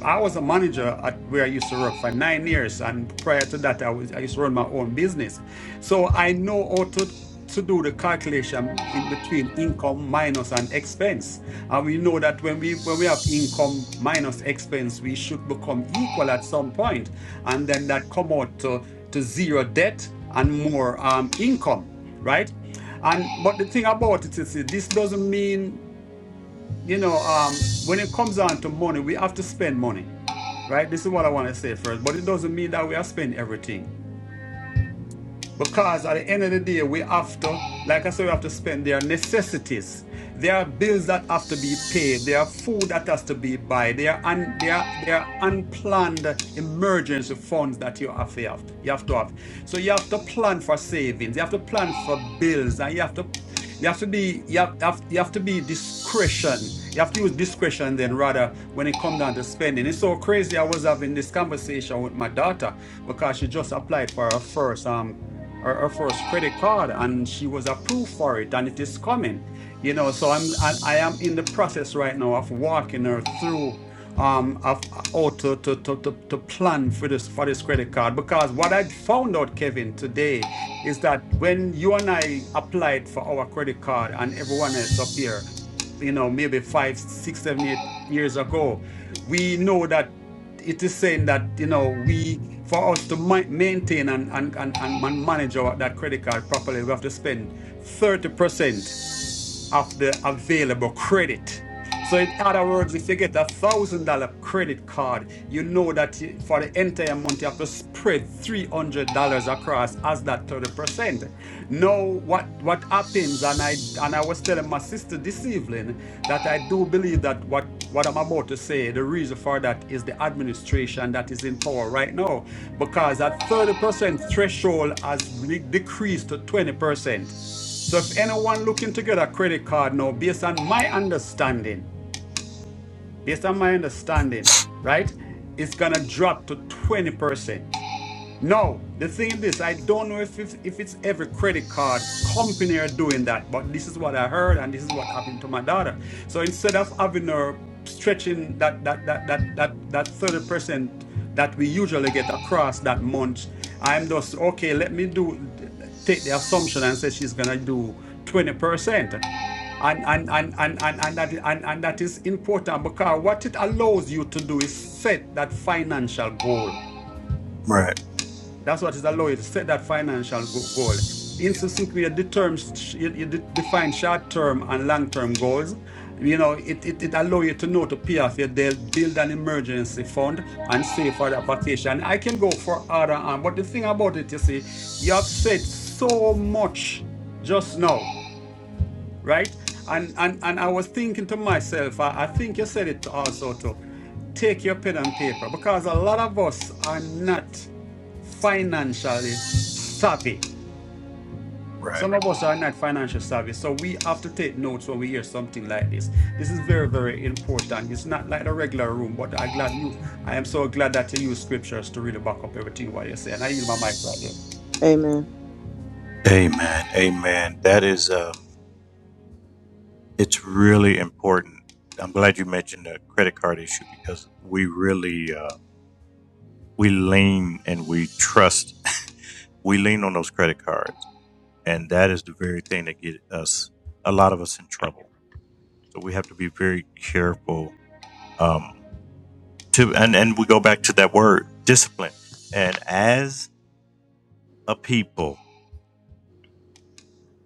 I was a manager at where I used to work for nine years, and prior to that, I was I used to run my own business. So I know how to to do the calculation in between income minus and expense. And we know that when we when we have income minus expense, we should become equal at some point, and then that come out to to zero debt and more um, income, right? And but the thing about it is this doesn't mean you know um, when it comes down to money, we have to spend money Right? This is what I want to say first, but it doesn't mean that we are spending everything. Because at the end of the day, we have to, like I said, we have to spend their necessities. There are bills that have to be paid. There are food that has to be buy. There are un, there are, there are unplanned emergency funds that you have to have. You have to have. So you have to plan for savings. You have to plan for bills, and you have to you have to be you have, have you have to be discretion. You have to use discretion then rather when it comes down to spending. It's so crazy. I was having this conversation with my daughter because she just applied for her first um her, her first credit card and she was approved for it and it is coming you know so i'm i, I am in the process right now of walking her through um of uh, how to to, to to to plan for this for this credit card because what i found out kevin today is that when you and i applied for our credit card and everyone else up here you know maybe five six seven eight years ago we know that it is saying that you know we for us to ma- maintain and and, and and man- manage our that credit card properly we have to spend 30% of the available credit. So, in other words, if you get a thousand dollar credit card, you know that you- for the entire month you have to spread three hundred dollars across as that thirty percent. Now, what what happens? And I and I was telling my sister this evening that I do believe that what what I'm about to say, the reason for that is the administration that is in power right now, because that thirty percent threshold has re- decreased to twenty percent. So if anyone looking to get a credit card now, based on my understanding, based on my understanding, right, it's gonna drop to twenty percent. No, the thing is this, I don't know if if if it's every credit card company are doing that, but this is what I heard and this is what happened to my daughter. So instead of having her stretching that that that that that that 30% that we usually get across that month, I'm just okay, let me do take the assumption and say she's gonna do 20%. And and and and and, and that and, and that is important because what it allows you to do is set that financial goal
Right,
that's what is allowed you to set that financial go- goal. In so simply you determine you, you de- define short term and long term goals. You know, it, it it allow you to know to pay off your debt, build an emergency fund, and save for that vacation. I can go for other, um, but the thing about it, you see, you have said so much just now right? And and and I was thinking to myself, I, I think you said it also to take your pen and paper because a lot of us are not financially savvy.
right.
Some of us are not financial savvy, so we have to take notes when we hear something like this. This is very, very important. It's not like the regular room, but I glad you. I am so glad that you use scriptures to really back up everything what you say. And I yield my mic right there.
Amen.
Amen. Amen. That is, uh, it's really important. I'm glad you mentioned the credit card issue because we really, uh, we lean and we trust, [LAUGHS] we lean on those credit cards. And that is the very thing that get us, a lot of us in trouble. So we have to be very careful, um, to, and, and we go back to that word discipline. And as a people,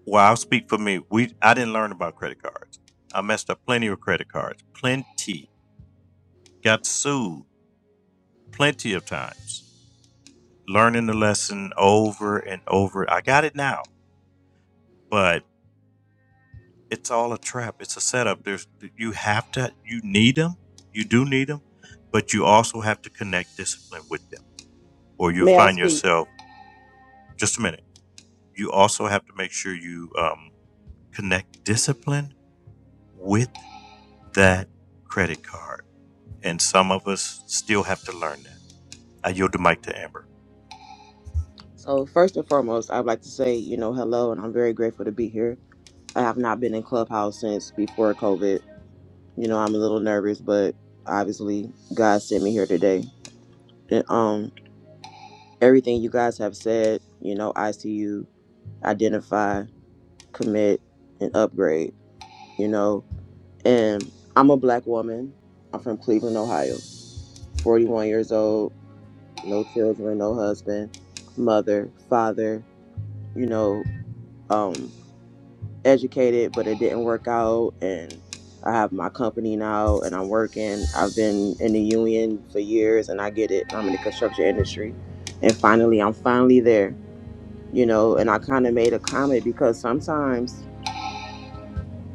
well, I'll speak for me. We, I didn't learn about credit cards. I messed up plenty of credit cards, plenty got sued plenty of times, learning the lesson over and over. I got it now, but it's all a trap. It's a setup. There's you have to you need them. You do need them, but you also have to connect discipline with them, or you'll
May I
find
speak?
yourself. Just a minute. You also have to make sure you um, connect discipline with that credit card, and some of us still have to learn that. I yield the mic to Amber.
So, first and foremost, I'd like to say, you know, hello, and I'm very grateful to be here. I have not been in Clubhouse since before COVID. You know, I'm a little nervous, but obviously, God sent me here today. And, um, everything you guys have said, you know, ICU, identify, commit, and upgrade, you know, and I'm a black woman. I'm from Cleveland, Ohio, 41 years old, no children, no husband, mother, father, you know, um educated but it didn't work out and I have my company now and I'm working. I've been in the union for years and I get it. I'm in the construction industry and finally I'm finally there, you know, and I kind of made a comment because sometimes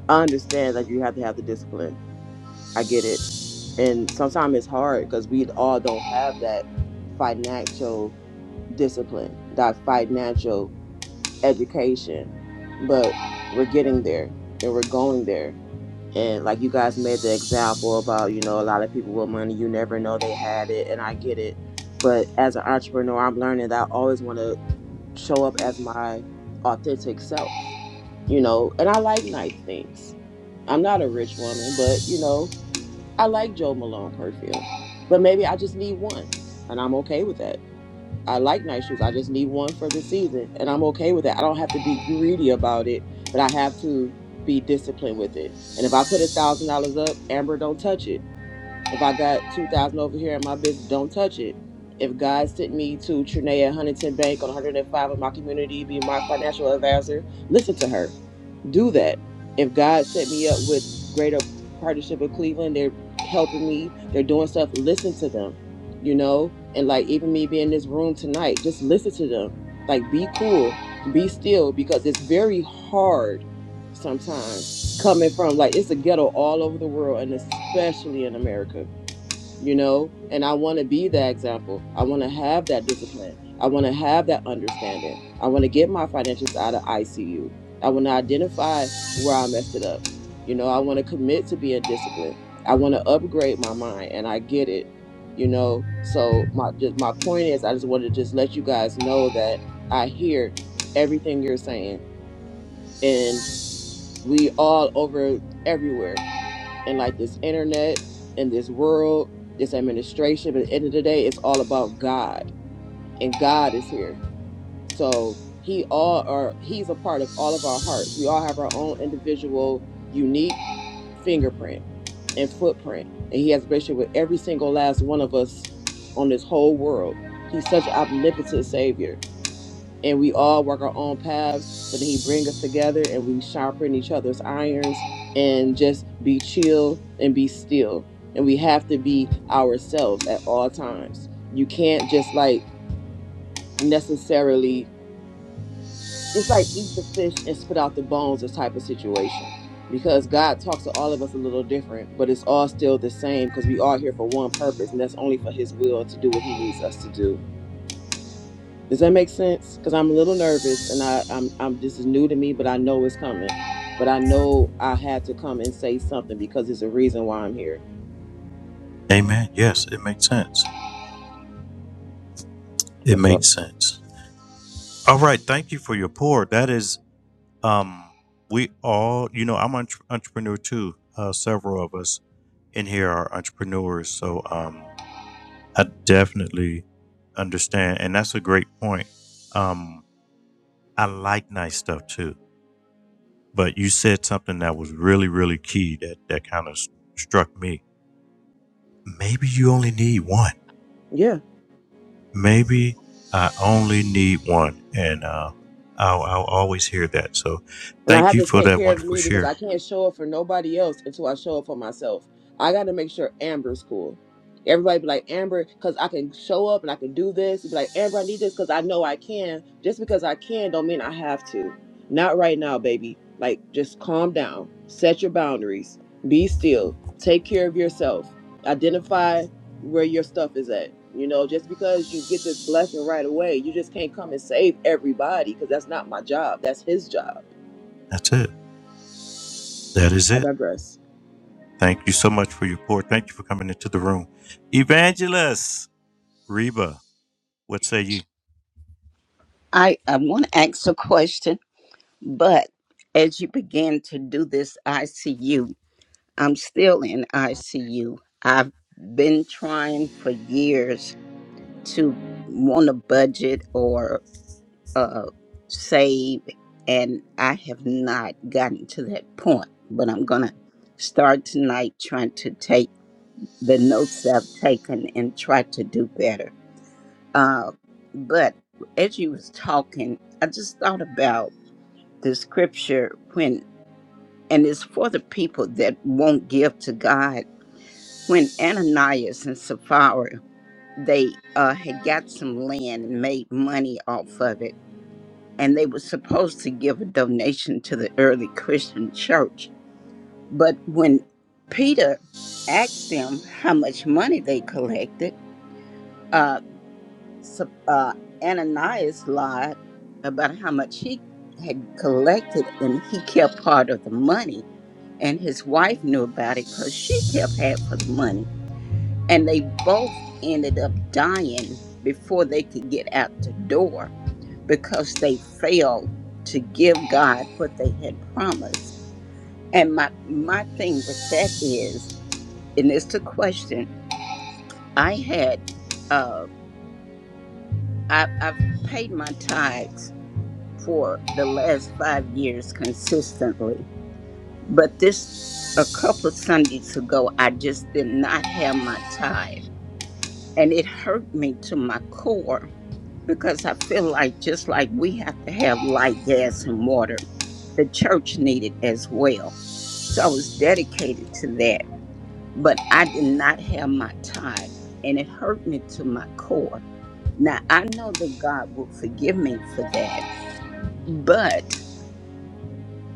I understand that you have to have the discipline. I get it. And sometimes it's hard because we all don't have that financial discipline, that financial education, but we're getting there and we're going there and like you guys made the example about you know a lot of people with money you never know they had it and i get it but as an entrepreneur i'm learning that i always want to show up as my authentic self you know and i like nice things i'm not a rich woman but you know i like joe malone perfume but maybe i just need one and i'm okay with that I like nice shoes. I just need one for the season, and I'm okay with that. I don't have to be greedy about it, but I have to be disciplined with it. And if I put a thousand dollars up, Amber, don't touch it. If I got two thousand over here in my business, don't touch it. If God sent me to Trinea Huntington Bank on 105 of my community, be my financial advisor, listen to her do that. If God set me up with Greater Partnership of Cleveland, they're helping me, they're doing stuff, listen to them, you know? And like even me being in this room tonight, just listen to them. Like be cool, be still, because it's very hard sometimes coming from like it's a ghetto all over the world and especially in America you know and i want to be that example i want to have that discipline i want to have that understanding i want to get my financials out of icu i want to identify where i messed it up you know i want to commit to being disciplined i want to upgrade my mind and i get it you know so my just my point is i just want to just let you guys know that i hear everything you're saying and we all over everywhere and like this internet and this world, this administration. But at the end of the day, it's all about God, and God is here. So He all are He's a part of all of our hearts. We all have our own individual, unique fingerprint and footprint, and He has a relationship with every single last one of us on this whole world. He's such an omnipotent Savior and we all work our own paths but then he bring us together and we sharpen each other's irons and just be chill and be still and we have to be ourselves at all times you can't just like necessarily it's like eat the fish and spit out the bones this type of situation because god talks to all of us a little different but it's all still the same because we are here for one purpose and that's only for his will to do what he needs us to do Does that make sense? Because I'm a little nervous, and I, I'm, I'm. This is new to me, but I know it's coming. But I know I had to come and say something because it's a reason why I'm here.
Amen. Yes, it makes sense. It
That's all.
makes sense. All right, thank you for your pour. That is, um, we all, you know, I'm an entre- entrepreneur too. Uh, several of us in here are entrepreneurs, so um, I definitely understand, and that's a great point. Um, I like nice stuff too, but you said something that was really, really key that that kind of struck me. Maybe you only need one.
Yeah.
Maybe I only need one, and uh, I'll, I'll always hear that. So,
And I
thank
have
you
to
for
take
that
care of
wonderful
me because
share.
I can't show up for nobody else until I show up for myself. I got to make sure Amber's cool. Everybody be like, Amber, because I can show up and I can do this. You Be like, Amber, I need this because I know I can. Just because I can don't mean I have to. Not right now, baby. Like, just calm down. Set your boundaries. Be still. Take care of yourself. Identify where your stuff is at. You know, just because you get this blessing right away, you just can't come and save everybody because that's not my job. That's his job
That's it. That is
I
it.
digress.
Thank you so much for your pour. Thank you for coming into the room. Evangelist Reba, what say you?
I, I want to ask a question, but as you begin to do this ICU, I'm still in ICU. I've been trying for years to want to budget or uh, save, and I have not gotten to that point. But I'm going to start tonight trying to take the notes that I've taken and try to do better. Uh, but as you was talking, I just thought about the scripture when and it's for the people that won't give to God. When Ananias and Sapphira they uh, had got some land and made money off of it, and they were supposed to give a donation to the early Christian church. But when Peter asked them how much money they collected, uh, Sa- uh, Ananias lied about how much he had collected, and he kept part of the money and his wife knew about it because she kept half of the money. And they both ended up dying before they could get out the door because they failed to give God what they had promised. And my my thing with that is, and it's a question I had. Uh, I, I've paid my tithes for the last five years consistently, but this a couple of Sundays ago, I just did not have my tithe and it hurt me to my core because I feel like just like we have to have light, gas, and water, the church needed as well. So I was dedicated to that, but I did not have my tithe, and it hurt me to my core. Now I know that God will forgive me for that, but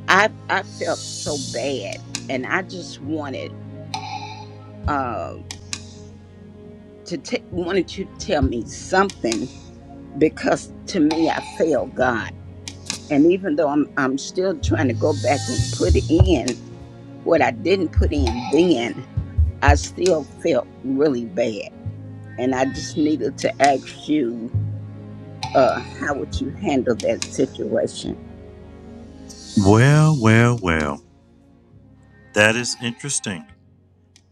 I I felt so bad, and I just wanted uh, to t- wanted you to tell me something because to me I failed God And even though I'm I'm still trying to go back and put in what I didn't put in then, I still felt really bad. And I just needed to ask you, uh, how would you handle that situation?
Well, well, well. That is interesting.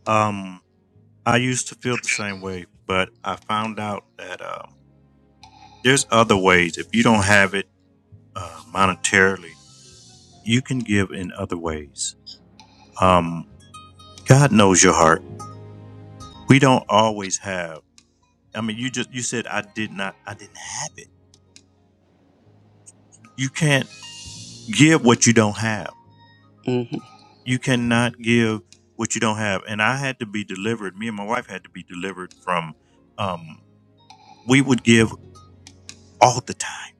Um, I used to feel the same way, but I found out that um, there's other ways. If you don't have it uh, monetarily, you can give in other ways. Um, God knows your heart. We don't always have. I mean, you just you said I did not. I didn't have it. You can't give what you don't have
hmm
you cannot give what you don't have and i had to be delivered me and my wife had to be delivered from um, we would give all the time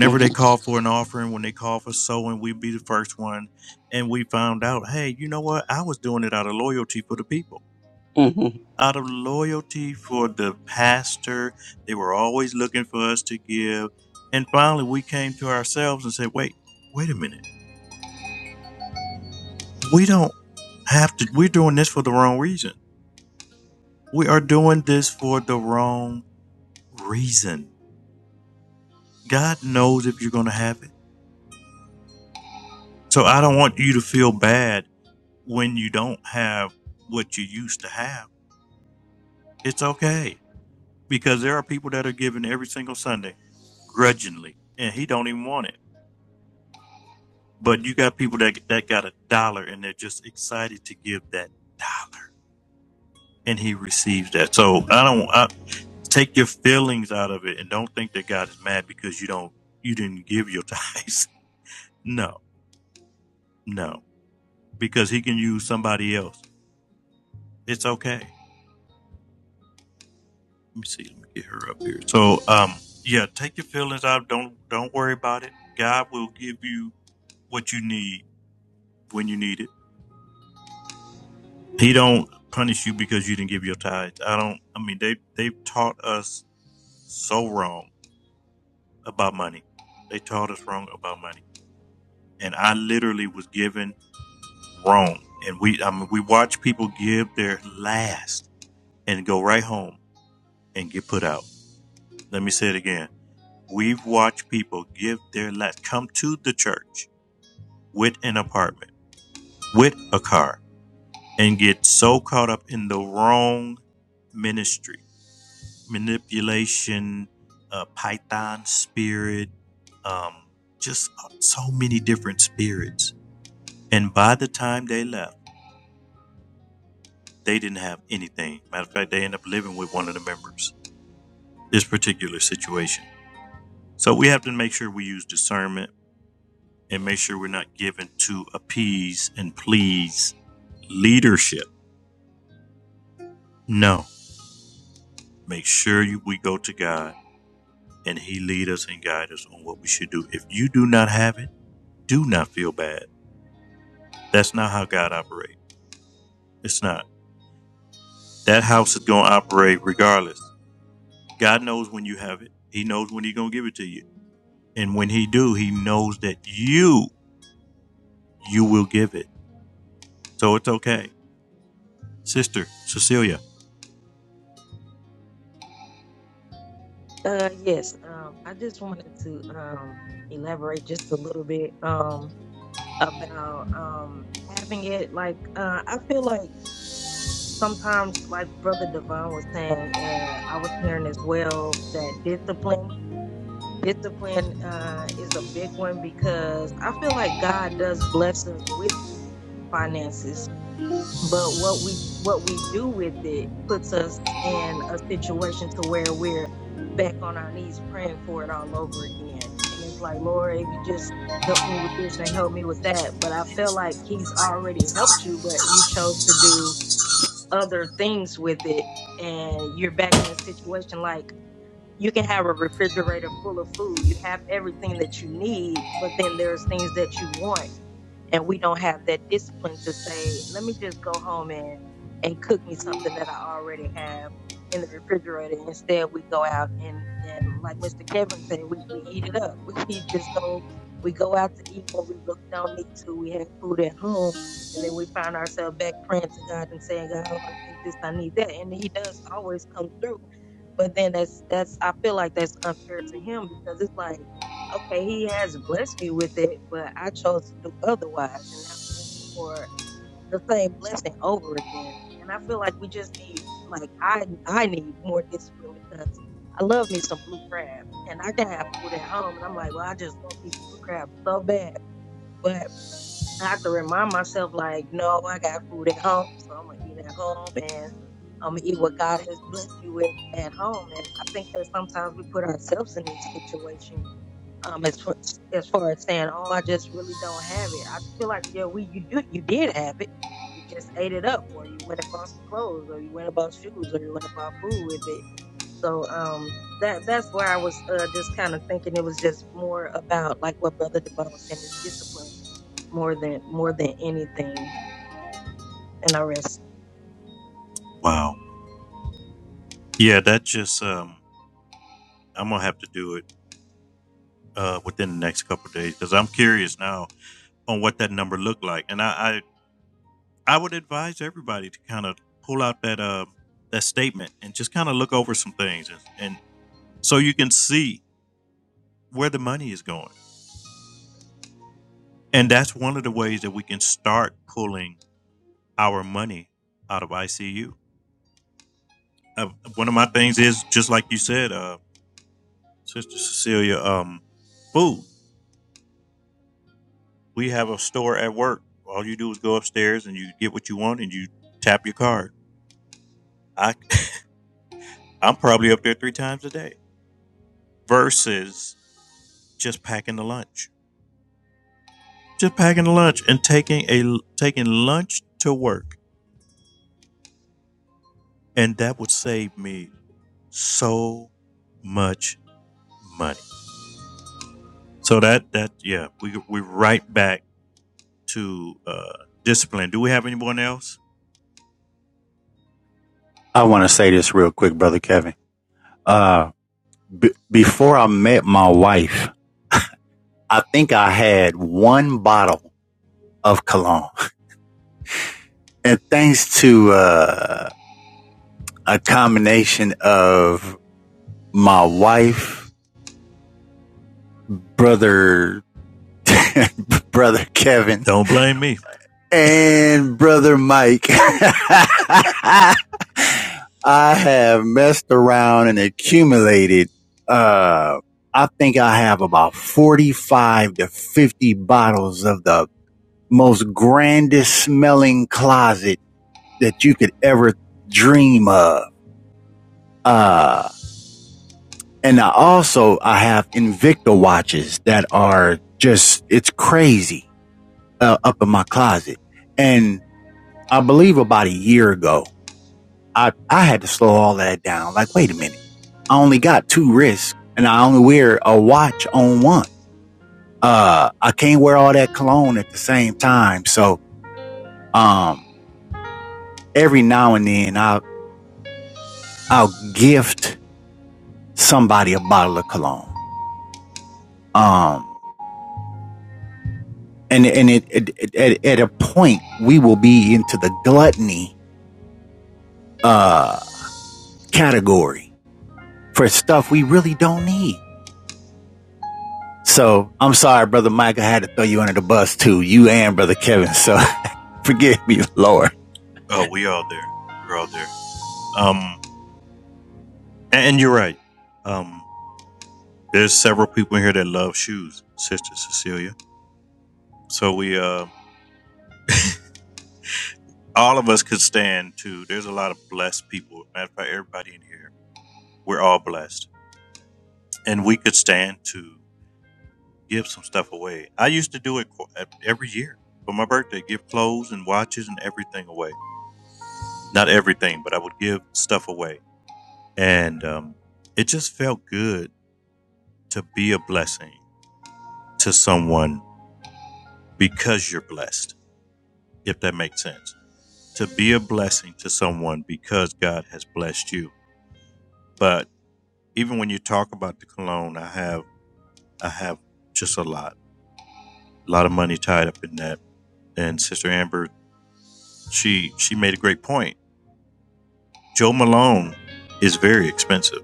hmm
they call for an offering when they call for sowing we'd be the first one and we found out hey you know what i was doing it out of loyalty for the people
hmm
out of loyalty for the pastor they were always looking for us to give and finally we came to ourselves and said wait wait a minute we don't have to we're doing this for the wrong reason We are doing this for the wrong reason. God knows if you're going to have it. So I don't want you to feel bad when you don't have what you used to have. It's okay because there are people that are giving every single Sunday grudgingly and he don't even want it. But you got people that that got a dollar and they're just excited to give that dollar and he receives that. So I don't I, take your feelings out of it and don't think that God is mad because you don't you didn't give your [LAUGHS] tithes. No No, because he can use somebody else. It's okay. Let me see. Let me get her up here. So, um, yeah, take your feelings out. Don't don't worry about it. God will give you what you need when you need it. He don't punish you because you didn't give your tithe. I don't. I mean, they they've taught us so wrong about money. They taught us wrong about money, and I literally was given wrong. And we, I mean, we watch people give their last and go right home and get put out. Let me say it again We've watched people give their last come to the church with an apartment, with a car, and get so caught up in the wrong ministry, manipulation, uh, Python spirit, um, just so many different spirits. And by the time they left, they didn't have anything. Matter of fact, they end up living with one of the members. This particular situation. So we have to make sure we use discernment and make sure we're not given to appease and please leadership. No, make sure you, we go to God and He lead us and guide us on what we should do. If you do not have it, do not feel bad. That's not how God operates. It's not. That house is going to operate regardless. God knows when you have it. He knows when He's going to give it to you, and when He do, He knows that you you will give it. So it's okay, sister Cecilia.
Uh, yes, um, I just wanted to um elaborate just a little bit um about um having it like uh I feel like sometimes like Brother Devon was saying, uh I was hearing as well that discipline discipline uh is a big one because I feel like God does bless us with finances but what we what we do with it puts us in a situation to where we're back on our knees praying for it all over again and it's like lord if you just help me with this and help me with that but i feel like he's already helped you but you chose to do other things with it and you're back in a situation like you can have a refrigerator full of food you have everything that you need but then there's things that you want and we don't have that discipline to say, let me just go home and and cook me something that I already have in the refrigerator. Instead, we go out and and like Mr. Kevin said, we we eat it up. [LAUGHS] We, just go we go out to eat what we really don't need to. We have food at home, and then we find ourselves back praying to God and saying, God, oh, I need this, I need that, and He does always come through. But then that's that's I feel like that's unfair to Him because it's like okay, he has blessed me with it, but I chose to do otherwise. And now I'm asking for the same blessing over again. And I feel like we just need, like, I, I need more discipline because I love me some blue crab and I can have food at home. And I'm like, well, I just want these blue crabs so bad. But I have to remind myself, like, no, I got food at home. So I'm going to eat at home and I'm going to eat what God has blessed me with at home. And I think that sometimes we put ourselves in these situations um as far, as far as saying oh i just really don't have it i feel like yeah we you do you did have it you just ate it up or you went and bought some clothes or you went and bought shoes or you went and bought food with it so um that that's where i was uh, just kind of thinking it was just more about like what brother devon was saying is discipline more than more than anything and i rest
Wow. Yeah, that just um, I'm gonna have to do it uh, within the next couple of days because I'm curious now on what that number looked like, and I, I I would advise everybody to kind of pull out that uh, that statement and just kind of look over some things, and, and so you can see where the money is going, and that's one of the ways that we can start pulling our money out of ICU. Uh, one of my things is just like you said, uh, Sister Cecilia, um, food. We have a store at work. All you do is go upstairs and you get what you want and you tap your card. I I'm probably up there three times a day versus just packing the lunch. Just packing the lunch and taking a taking lunch to work. And that would save me so much money. So that that yeah, we we right back to uh discipline. Do we have anyone else?
I want to say this real quick, brother Kevin. Uh, b- before I met my wife, I think I had one bottle of cologne and thanks to, uh, a combination of my wife, brother [LAUGHS] brother Kevin
Don't blame me.
and brother Mike. [LAUGHS] I have messed around and accumulated, uh, I think I have about 45 to 50 bottles of the most grandest smelling closet that you could ever dream of. Uh, and I also, I have Invicta watches that are just, it's crazy, uh, up in my closet. And I believe about a year ago, I, I had to slow all that down. Like, wait a minute. I only got two wrists and I only wear a watch on one. Uh, I can't wear all that cologne at the same time. So, um, every now and then I'll, I'll gift somebody a bottle of cologne. Um, and, and it, it, it at, at a point we will be into the gluttony, uh, category for stuff we really don't need So I'm sorry, brother Mike. I had to throw you under the bus too. You and brother Kevin. So [LAUGHS] forgive me, Lord.
Oh, we all there. We're all there. Um and, and you're right. Um there's several people in here that love shoes, Sister Cecilia. So we uh all of us could stand to there's a lot of blessed people matter of fact everybody in here we're all blessed and we could stand to give some stuff away i used to do it qu- every year for my birthday give clothes and watches and everything away not everything but i would give stuff away and um, it just felt good to be a blessing to someone because you're blessed if that makes sense to be a blessing to someone because god has blessed you but even when you talk about the cologne, I have I have just a lot, a lot of money tied up in that. And Sister Amber, she she made a great point. Joe Malone is very expensive,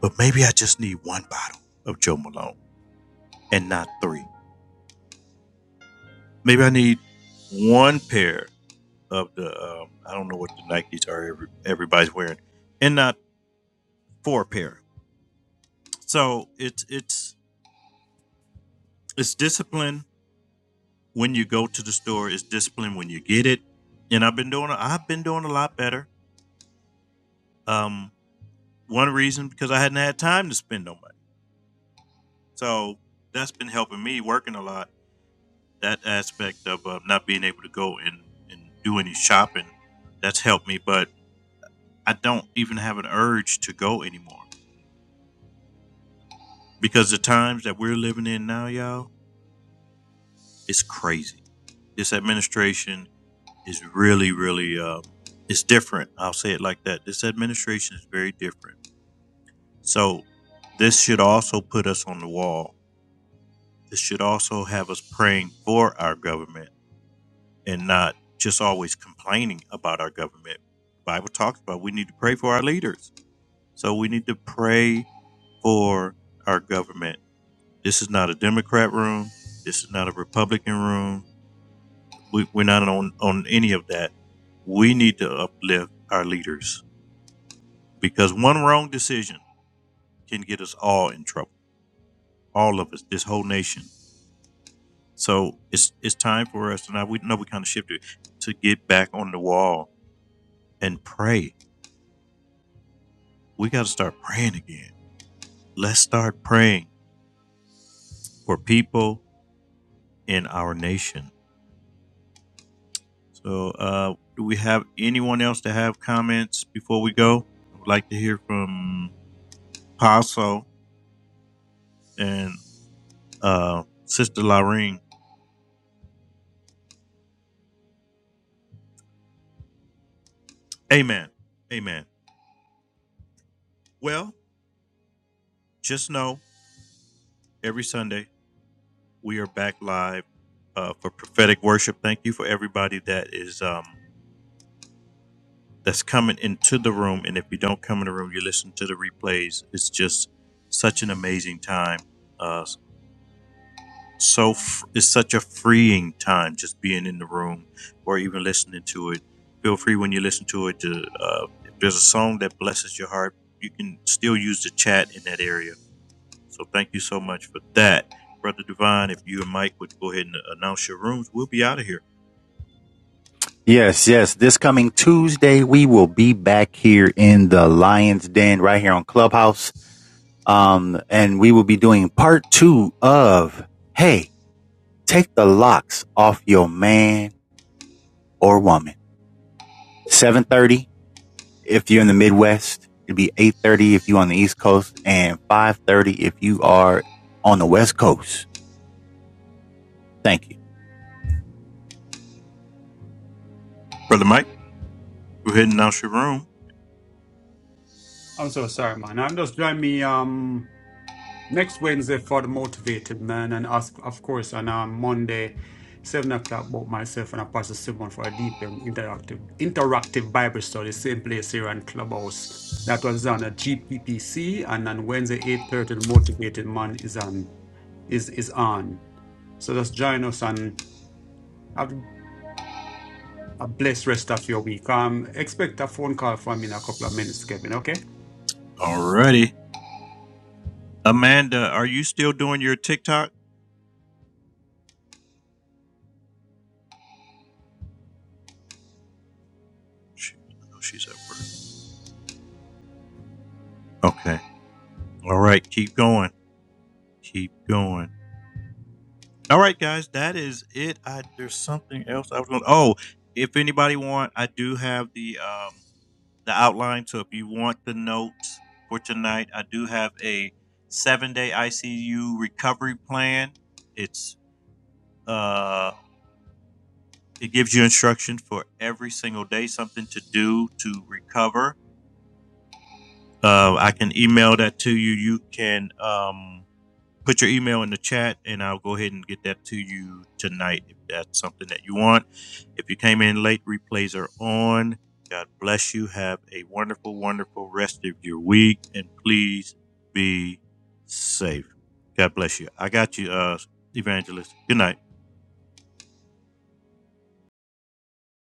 but maybe I just need one bottle of Joe Malone and not three. Maybe I need one pair of the um, I don't know what the Nikes are every, everybody's wearing, and not four pair. So it's it's it's discipline when you go to the store is discipline when you get it. And I've been doing I've been doing a lot better. Um, one reason because I hadn't had time to spend no money, so that's been helping me working a lot. That aspect of uh, not being able to go and, and do any shopping that's helped me, but I don't even have an urge to go anymore because the times that we're living in now, y'all, it's crazy. This administration is really, really, uh, it's different. I'll say it like that. This administration is very different. So, this should also put us on the wall. This should also have us praying for our government and not just always complaining about our government. Bible talks about we need to pray for our leaders. So we need to pray for our government. This is not a Democrat room. This is not a Republican room. We, we're not on, on any of that. We need to uplift our leaders because one wrong decision can get us all in trouble, all of us, this whole nation. So it's it's time for us, and I we know we kind of shifted to get back on the wall and pray. We got to start praying again. Let's start praying for people in our nation. So, uh, do we have anyone else to have comments before we go? I would like to hear from Paso and uh, Sister Lorraine. Amen. Amen. Well, just know every Sunday We are back live uh, for prophetic worship. Thank you for everybody that is um, that's coming into the room. And if you don't come in the room, you listen to the replays. It's just such an amazing time. Uh, so f- it's such a freeing time just being in the room or even listening to it. Feel free when you listen to it to uh, if there's a song that blesses your heart, you can still use the chat in that area. So thank you so much for that. Brother Divine, if you and Mike would go ahead and announce your rooms, we'll be out of here.
Yes, yes. This coming Tuesday, we will be back here in the Lion's Den right here on Clubhouse. Um, and we will be doing part two of, Hey, take the locks off your man or woman. 7:30. if you're in the Midwest, it'd be 8:30 if you're on the East Coast and 5:30 if you are on the West Coast. Thank you.
Brother Mike, go ahead and announce your room.
I'm so sorry, man. I'm just joining me. Um. Next Wednesday for the motivated man, and us, of course, on um, Monday, seven o'clock, both myself and Pastor Simon for a deep and interactive interactive Bible study, same place here on Clubhouse. That was on a GPPC, and on Wednesday eight thirty, the motivated man is on is is on. So just join us and have a blessed rest of your week. Um, expect a phone call from me in a couple of minutes, Kevin. Okay.
Alrighty. Amanda, are you still doing your TikTok? She, I know she's at work. Okay. All right. Keep going. Keep going. All right, guys. That is it. I there's something else I was going. to Oh, if anybody want, I do have the um the outline. So if you want the notes for tonight, I do have a seven day ICU recovery plan. It's uh It gives you instructions for every single day, something to do to recover. Uh, I can email that to you. You can um, put your email in the chat, and I'll go ahead and get that to you tonight if that's something that you want. If you came in late, replays are on. God bless you. Have a wonderful, wonderful rest of your week, and please be safe. God bless you. I got you, uh, evangelist. Good night.